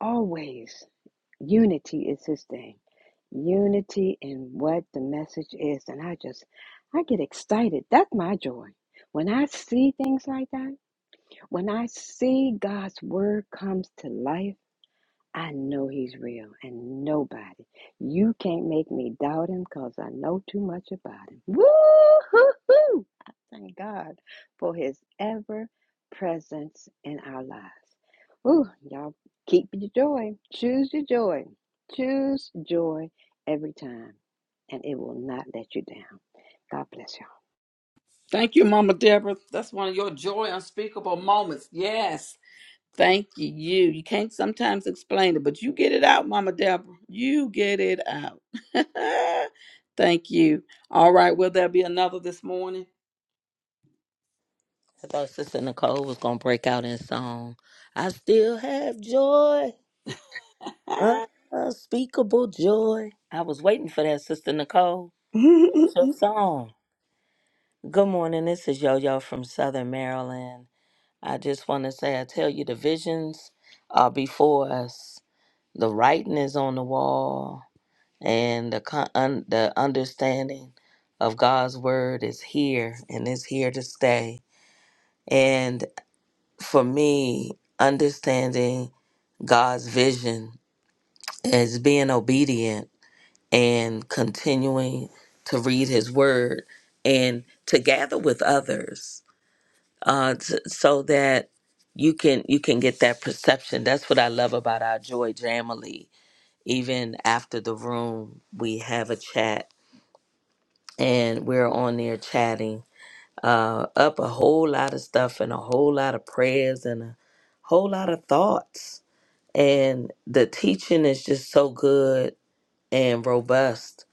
Speaker 7: always. Unity is his thing. Unity in what the message is. And I just, I get excited. That's my joy. When I see things like that, when I see God's word comes to life, I know he's real and nobody. You can't make me doubt him because I know too much about him. Woo hoo hoo! I thank God for his ever presence in our lives. Woo, y'all keep your joy. Choose your joy. Choose joy every time, and it will not let you down. God bless y'all.
Speaker 3: Thank you, Mama Deborah. That's one of your joy unspeakable moments. Yes. Thank you. You. You can't sometimes explain it, but you get it out, Mama Deborah. You get it out. Thank you. All right. Will there be another this morning?
Speaker 4: I thought Sister Nicole was going to break out in song. I still have joy, unspeakable joy. I was waiting for that, Sister Nicole. That's your song. Good morning. This is Yo Yo from Southern Maryland. I just want to say, I tell you, the visions are before us. The writing is on the wall, and the con- un- the understanding of God's word is here and is here to stay. And for me, understanding God's vision is being obedient and continuing to read His word and to gather with others uh, s- so that you can you can get that perception. That's what I love about our Joy Jamily. Even after the room, we have a chat, and we're on there chatting uh, up a whole lot of stuff and a whole lot of prayers and a whole lot of thoughts. And the teaching is just so good and robust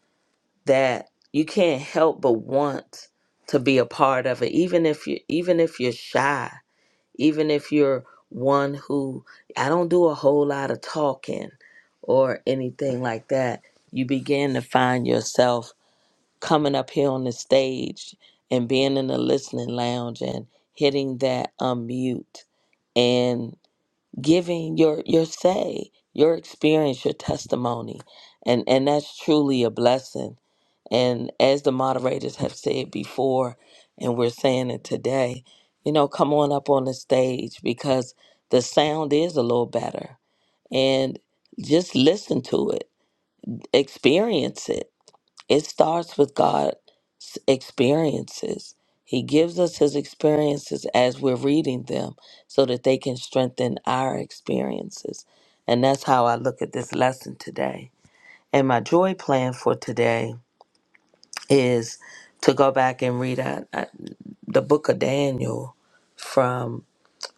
Speaker 4: that you can't help but want to be a part of it, even if you even if you're shy even if you're one who I don't do a whole lot of talking or anything like that, you begin to find yourself coming up here on the stage and being in the listening lounge and hitting that unmute giving your your say, your experience, your testimony, and and that's truly a blessing. And as the moderators have said before, and we're saying it today, you know, come on up on the stage because the sound is a little better, and just listen to it, experience it it starts with God's experiences. He gives us his experiences as we're reading them so that they can strengthen our experiences. And that's how I look at this lesson today. And my joy plan for today is to go back and read uh, uh, the book of Daniel from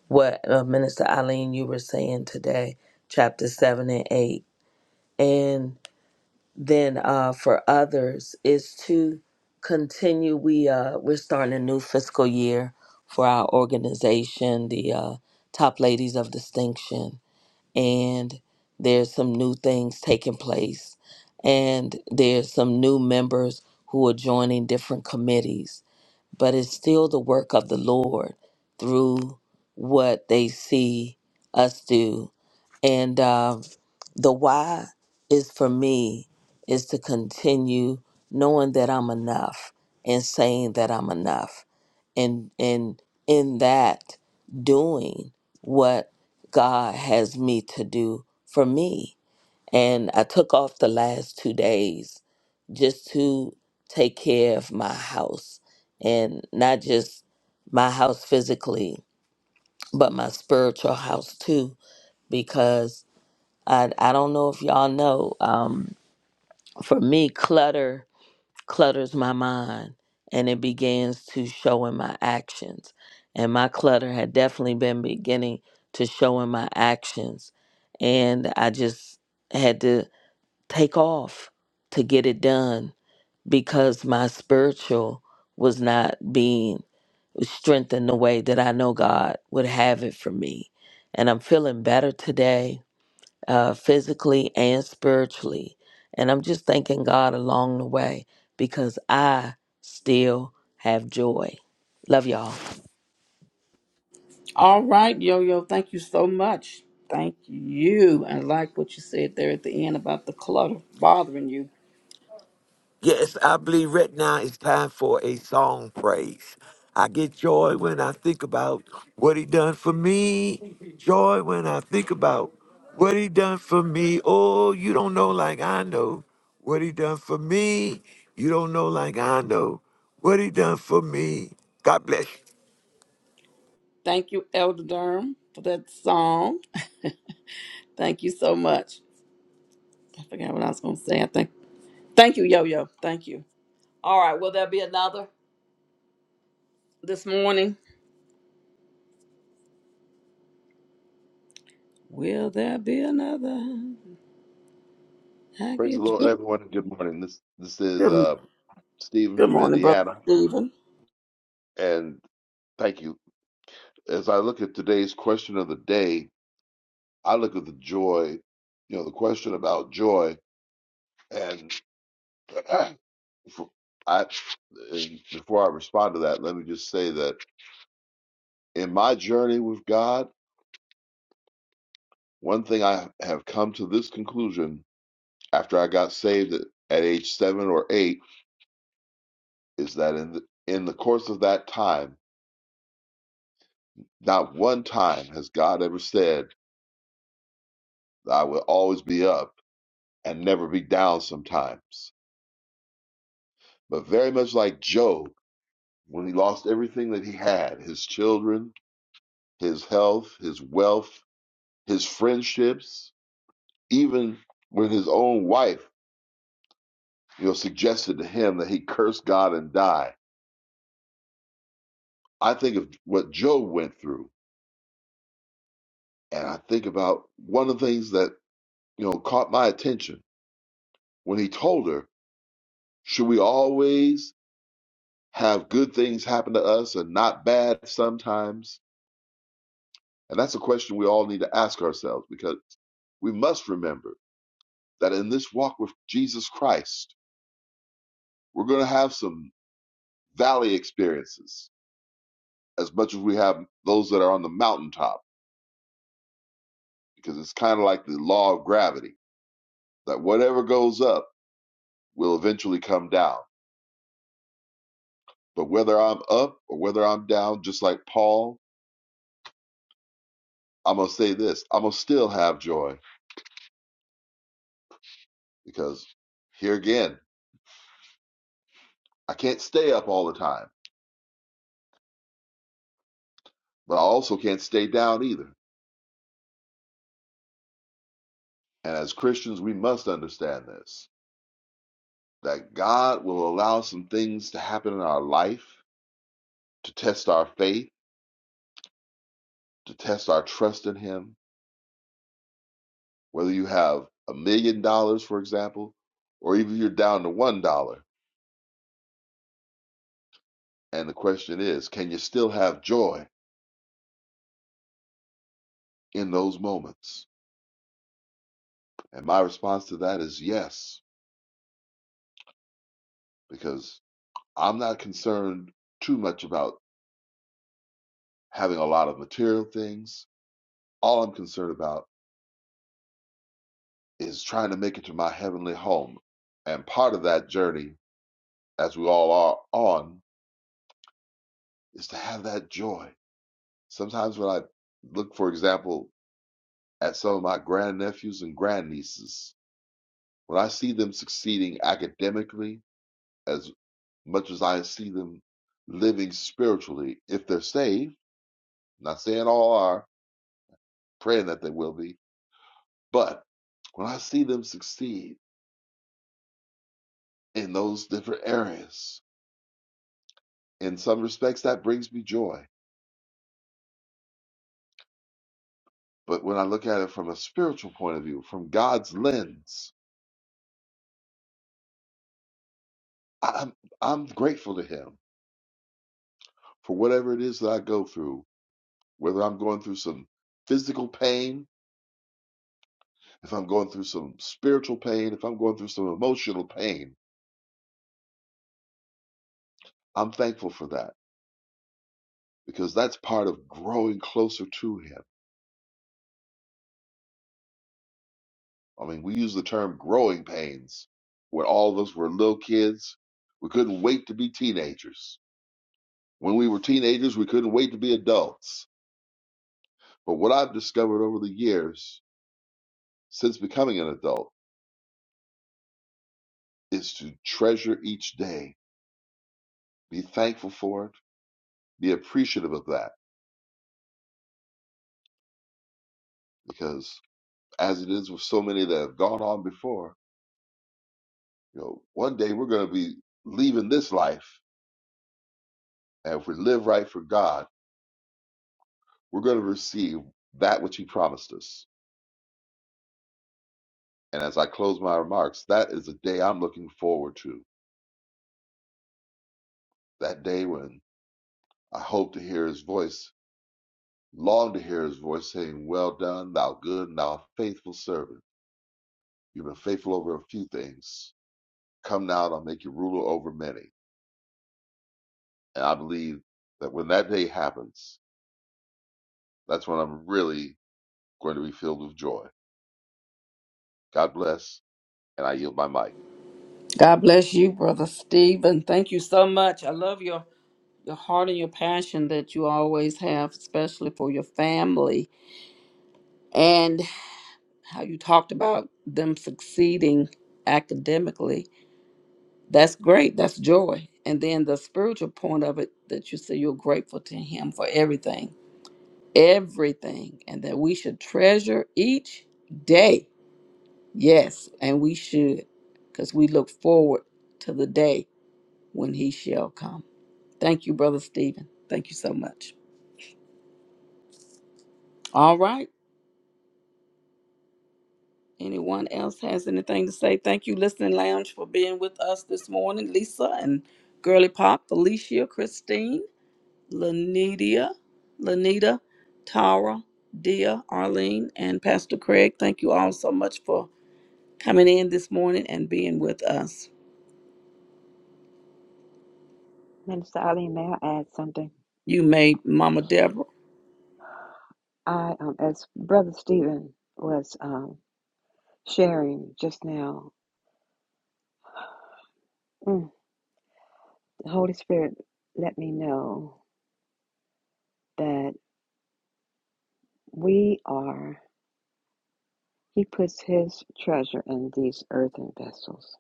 Speaker 4: what uh, Minister Eileen, you were saying today, chapter 7 and 8. then uh, for others is to continue. We uh, we're starting a new fiscal year for our organization, the uh, Top Ladies of Distinction, and there's some new things taking place, and there's some new members who are joining different committees. But it's still the work of the Lord through what they see us do and uh, the why is for me is to continue knowing that I'm enough and saying that I'm enough. And, and in that, doing what God has me to do for me. And I took off the last two days just to take care of my house and not just my house physically, but my spiritual house too, because I I don't know if y'all know. Um, for me, clutter clutters my mind, and it begins to show in my actions. And my clutter had definitely been beginning to show in my actions, and I just had to take off to get it done because my spiritual was not being strengthened the way that I know God would have it for me. And I'm feeling better today uh, physically and spiritually. And I'm just thanking God along the way because I still have joy. Love y'all.
Speaker 3: All right, Yo Yo. Thank you so much. Thank you. I like what you said there at the end about the clutter bothering you.
Speaker 6: Yes, I believe right now it's time for a song praise. I get joy when I think about what he done for me. Joy when I think about what he done for me. Oh, you don't know like I know what he done for me. You don't know like I know what he done for me. God bless you.
Speaker 3: Thank you, Elder Durham, for that song. Thank you so much. I forgot what I was gonna say. I think. Thank you, Yo Yo. Thank you. All right. Will there be another this morning? Will there be another? I
Speaker 8: Praise the
Speaker 3: get
Speaker 8: Lord,
Speaker 3: you.
Speaker 8: everyone, and good morning. This this is
Speaker 3: Good,
Speaker 8: uh, Stephen
Speaker 3: good
Speaker 8: from
Speaker 3: morning, brother
Speaker 8: Indiana,
Speaker 3: Stephen.
Speaker 8: and thank you. As I look at today's question of the day, I look at the joy, you know, the question about joy, and before I and before I respond to that, let me just say that in my journey with God, one thing I have come to this conclusion after I got saved at, at age seven or eight is that in the, in the course of that time. Not one time has God ever said, I will always be up and never be down sometimes. But very much like Job, when he lost everything that he had his children, his health, his wealth, his friendships, even when his own wife you know, suggested to him that he curse God and die. I think of what Job went through, and I think about one of the things that you know caught my attention when he told her, "Should we always?" have good things happen to us and not bad sometimes? And that's a question we all need to ask ourselves because we must remember that in this walk with Jesus Christ, we're going to have some valley experiences as much as we have those that are on the mountaintop, because it's kind of like the law of gravity that whatever goes up will eventually come down. But whether I'm up or whether I'm down, just like Paul, I'm going to say this I'm going to still have joy because here again, I can't stay up all the time, but I also can't stay down either. And as Christians, we must understand this that God will allow some things to happen in our life to test our faith, to test our trust in Him. Whether you have a million dollars, for example, or even you're down to one dollar. And the question is, can you still have joy in those moments? And my response to that is yes, because I'm not concerned too much about having a lot of material things. All I'm concerned about is trying to make it to my heavenly home. And part of that journey, as we all are on, is to have that joy. Sometimes when I look, for example, at some of my grandnephews and grandnieces, when I see them succeeding academically as much as I see them living spiritually, if they're saved, not saying all are, praying that they will be, but when I see them succeed in those different areas, in some respects that brings me joy but when i look at it from a spiritual point of view from god's lens i'm i'm grateful to him for whatever it is that i go through whether i'm going through some physical pain if i'm going through some spiritual pain if i'm going through some emotional pain i'm thankful for that because that's part of growing closer to him i mean we use the term growing pains when all of us were little kids we couldn't wait to be teenagers When we were teenagers, we couldn't wait to be adults. But what I've discovered over the years since becoming an adult is to treasure each day, be thankful for it, be appreciative of that, because as it is with so many that have gone on before, you know, one day we're going to be leaving this life, and if we live right for God, we're going to receive that which He promised us. And as I close my remarks, that is a day I'm looking forward to. That day when I hope to hear His voice long to hear his voice saying, Well done, thou good and thou faithful servant. You've been faithful over a few things. Come now, and I'll make you ruler over many. And I believe that when that day happens, that's when I'm really going to be filled with joy. God bless, and I yield my mic.
Speaker 3: God bless you, brother Stephen. Thank you so much. I love your your heart and your passion that you always have, especially for your family and how you talked about them succeeding academically That's great. That's joy. And then the spiritual point of it that you say you're grateful to Him for everything, everything, and that we should treasure each day. Yes, and we should, because we look forward to the day when He shall come. Thank you, Brother Stephen. Thank you so much. All right. Anyone else has anything to say? Thank you, Listening Lounge, for being with us this morning. Lisa and Girly Pop, Felicia, Christine. Lanidia, Lanita, Tara, Dia, Arlene, and Pastor Craig. Thank you all so much for coming in this morning and being with us.
Speaker 7: Minister Ali, may I add something?
Speaker 3: You made Mama Deborah.
Speaker 7: I, um, as Brother Stephen was um, sharing just now, mm, The Holy Spirit let me know that we are, He puts His treasure in these earthen vessels.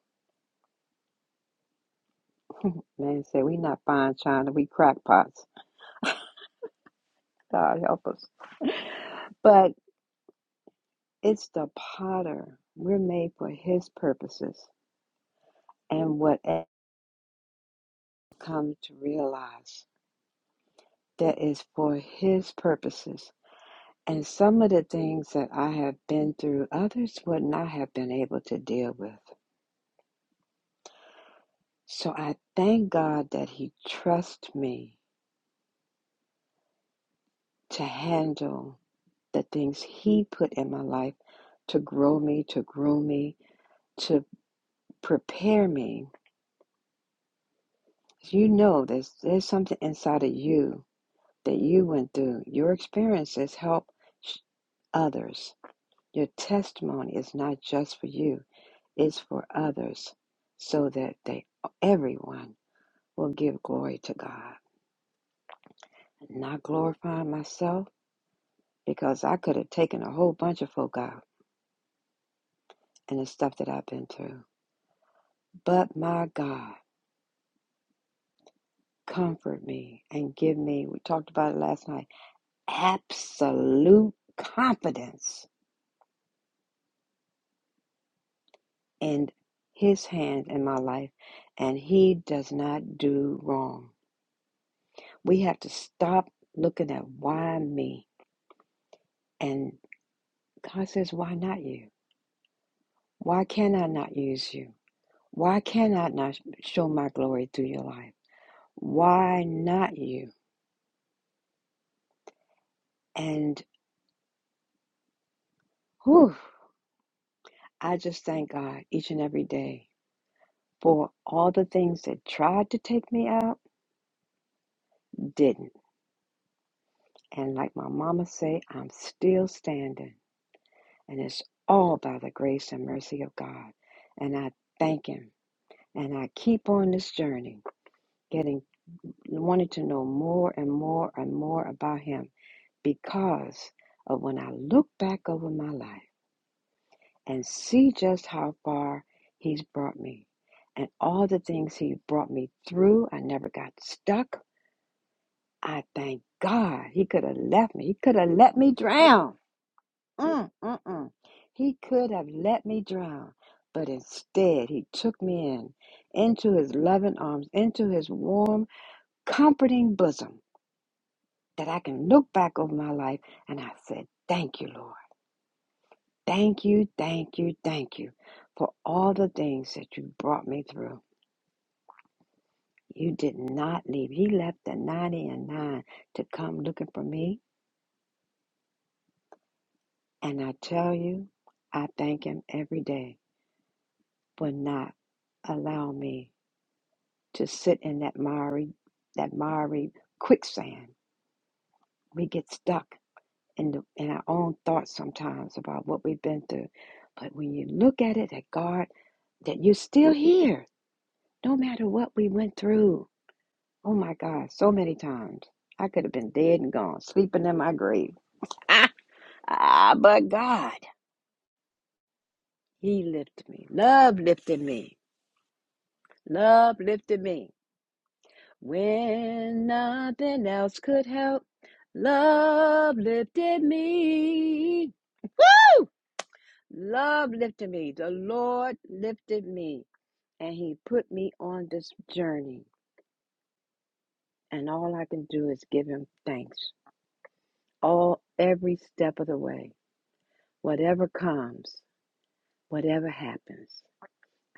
Speaker 7: Man said, we not fine china, we crackpots. God help us. But it's the potter. We're made for His purposes. And whatever come to realize that is for His purposes. And some of the things that I have been through, others would not have been able to deal with. So I thank God that He trusts me to handle the things He put in my life to grow me, to groom me, to prepare me. You know, there's, there's something inside of you that you went through. Your experiences help others. Your testimony is not just for you, it's for others so that they everyone will give glory to God. Not glorifying myself, because I could have taken a whole bunch of folk out and the stuff that I've been through. But my God, comfort me and give me, we talked about it last night, absolute confidence in His hand in my life. And He does not do wrong. We have to stop looking at why me. And God says, why not you? Why can I not use you? Why can I not show my glory through your life? Why not you? And Whew, I just thank God each and every day for all the things that tried to take me out, didn't. And like my mama say, I'm still standing. And it's all by the grace and mercy of God. And I thank him. And I keep on this journey, getting wanting to know more and more and more about him because of when I look back over my life. and see just how far He's brought me and all the things He brought me through. I never got stuck. I thank God He could have left me. He could have let me drown. Mm, mm, mm. He could have let me drown, but instead He took me in into His loving arms, into His warm, comforting bosom that I can look back over my life and I said, Thank you, Lord. Thank you, thank you, thank you for all the things that you brought me through. You did not leave. He left the 90 and 9 to come looking for me. And I tell you, I thank him every day for not allowing me to sit in that miry, that miry quicksand. We get stuck in, the, in our own thoughts sometimes about what we've been through. But when you look at it, that God, that you're still here, no matter what we went through Oh my God, so many times. I could have been dead and gone, sleeping in my grave. Ah, ah, but God, He lifted me. Love lifted me. Love lifted me. When nothing else could help, love lifted me. Woo! Love lifted me. The Lord lifted me. And He put me on this journey. And all I can do is give Him thanks. All every step of the way. Whatever comes. Whatever happens,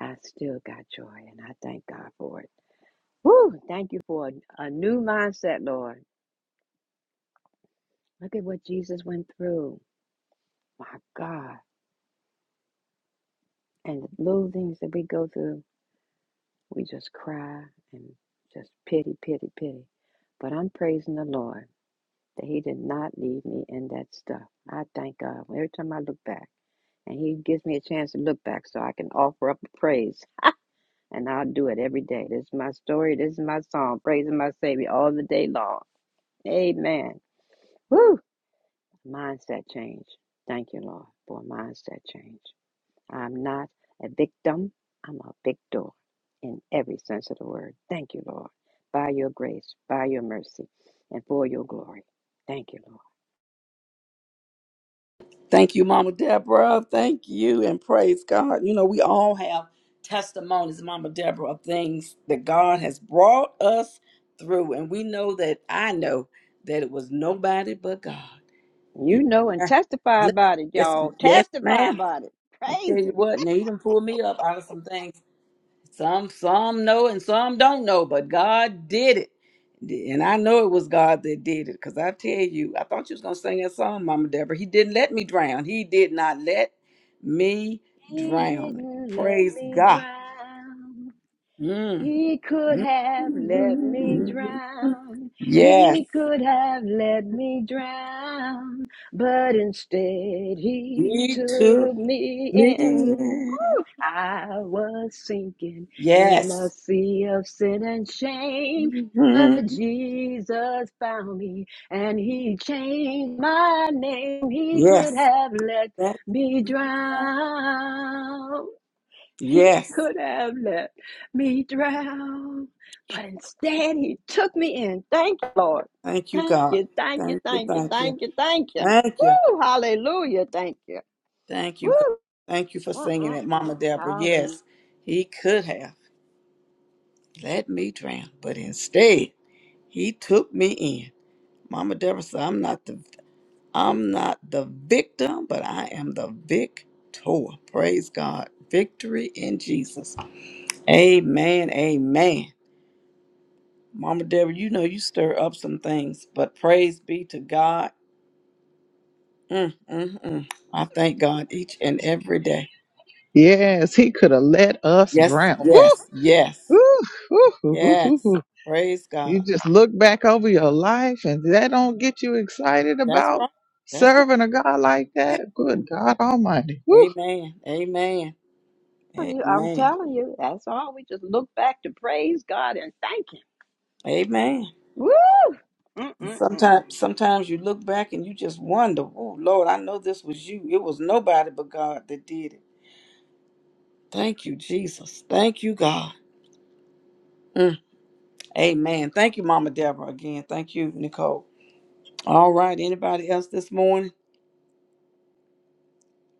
Speaker 7: I still got joy, and I thank God for it. Woo! Thank you for a, a new mindset, Lord. Look at what Jesus went through. My God. And the little things that we go through, we just cry and just pity, pity, pity. But I'm praising the Lord that He did not leave me in that stuff. I thank God. Every time I look back, and He gives me a chance to look back so I can offer up a praise And I'll do it every day. This is my story. This is my song. Praising my Savior all the day long. Amen. Woo! Mindset change. Thank you, Lord, for a mindset change. I'm not a victim. I'm a victor in every sense of the word. Thank you, Lord, by your grace, by your mercy, and for your glory. Thank you,
Speaker 3: Thank you, Mama Deborah. Thank you, and praise God. You know, we all have testimonies, Mama Deborah, of things that God has brought us through. And we know that I know that it was nobody but God.
Speaker 7: Lord.
Speaker 3: You
Speaker 7: You know and testify about it,
Speaker 3: Yes,
Speaker 7: y'all.
Speaker 3: yes,
Speaker 7: Testify
Speaker 3: ma'am.
Speaker 7: about it.
Speaker 3: I'll tell
Speaker 7: Praise
Speaker 3: you
Speaker 7: Him.
Speaker 3: what, now Needham pulled me up out of some things. Some some know and some don't know, but God did it. And I know it was God that did it. Because I tell you, I thought you was gonna sing that song, Mama Deborah. He didn't let me drown. He did not let me
Speaker 7: He
Speaker 3: drown.
Speaker 7: didn't let
Speaker 3: Praise
Speaker 7: me
Speaker 3: God.
Speaker 7: drown.
Speaker 3: Mm.
Speaker 7: He could have let me
Speaker 3: Mm.
Speaker 7: drown.
Speaker 3: Yes.
Speaker 7: He could have let me drown. But instead, he
Speaker 3: He took
Speaker 7: took me
Speaker 3: me.
Speaker 7: in.
Speaker 3: in.
Speaker 7: I was sinking in a
Speaker 3: Yes.
Speaker 7: sea of sin and shame.
Speaker 3: Mhm.
Speaker 7: But Jesus found me and he changed my name. He could
Speaker 3: Yes.
Speaker 7: have let
Speaker 3: That's-
Speaker 7: me drown. He
Speaker 3: Yes.
Speaker 7: could have let me drown, but instead he took me in. Thank you, Lord.
Speaker 3: Thank you,
Speaker 7: Thank
Speaker 3: God.
Speaker 7: you, thank you,
Speaker 3: Thank you,
Speaker 7: thank you,
Speaker 3: thank you,
Speaker 7: thank you, thank you.
Speaker 3: thank you,
Speaker 7: Woo, hallelujah, thank you.
Speaker 3: thank you,
Speaker 7: Woo,
Speaker 3: God. Thank you for singing it, Mama
Speaker 7: mm-mm-mm,
Speaker 3: Deborah.
Speaker 7: hallelujah.
Speaker 3: Yes, he could have let me drown, but instead he took me in. Mama Deborah said, "I'm not the I'm not the victim, but I am the victor." Praise God, victory in Jesus. Amen. Amen. Mama Deborah, you know you stir up some things, but praise be to God. Mm, mm, mm. I thank God each and every day.
Speaker 1: Yes, he could have let us
Speaker 3: Yes,
Speaker 1: drown. Woo!
Speaker 3: yes, yes,
Speaker 1: Woo! Woo! Woo! Woo! Woo!
Speaker 3: yes.
Speaker 1: woo.
Speaker 3: Praise God.
Speaker 1: You just look back over your life and that don't get you excited
Speaker 3: That's
Speaker 1: about
Speaker 3: right. That's
Speaker 1: serving a God like
Speaker 3: right.
Speaker 1: that. Good God Almighty. Whew.
Speaker 3: Amen. Amen.
Speaker 7: I'm
Speaker 3: Amen.
Speaker 7: telling you, that's all. We just look back to praise God and thank Him.
Speaker 3: Amen.
Speaker 7: Woo, mm-mm-mm.
Speaker 3: Sometimes sometimes you look back and you just wonder, oh Lord, I know this was you. It was nobody but God that did it. Thank you, Jesus. Thank you, God. Mm. Amen. Thank you, Mama Deborah. Again. Thank you, Nicole. All right. Anybody else this morning?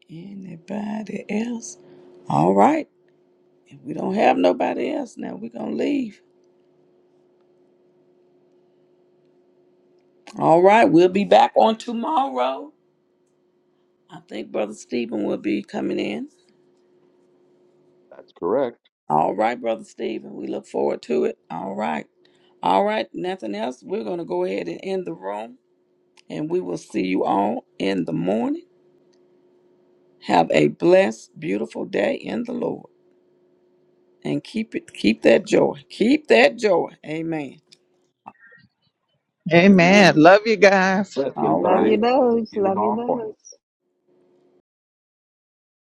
Speaker 3: Anybody else? All right. If we don't have nobody else now, we're gonna leave. All right, we'll be back on tomorrow. I think Brother Stephen will be coming in.
Speaker 8: That's correct.
Speaker 3: All right, Brother Stephen, we look forward to it. All right. All right, nothing else. We're going to go ahead and end the room, and we will see you all in the morning. Have a blessed, beautiful day in the Lord, and keep it, keep that joy, keep that joy. Amen.
Speaker 1: Amen.
Speaker 3: Amen.
Speaker 1: Love you guys.
Speaker 8: Bless you,
Speaker 3: All
Speaker 7: Love
Speaker 3: right.
Speaker 7: you,
Speaker 8: everybody.
Speaker 7: loads.
Speaker 8: You're
Speaker 7: Love you,
Speaker 8: on point.
Speaker 7: loads.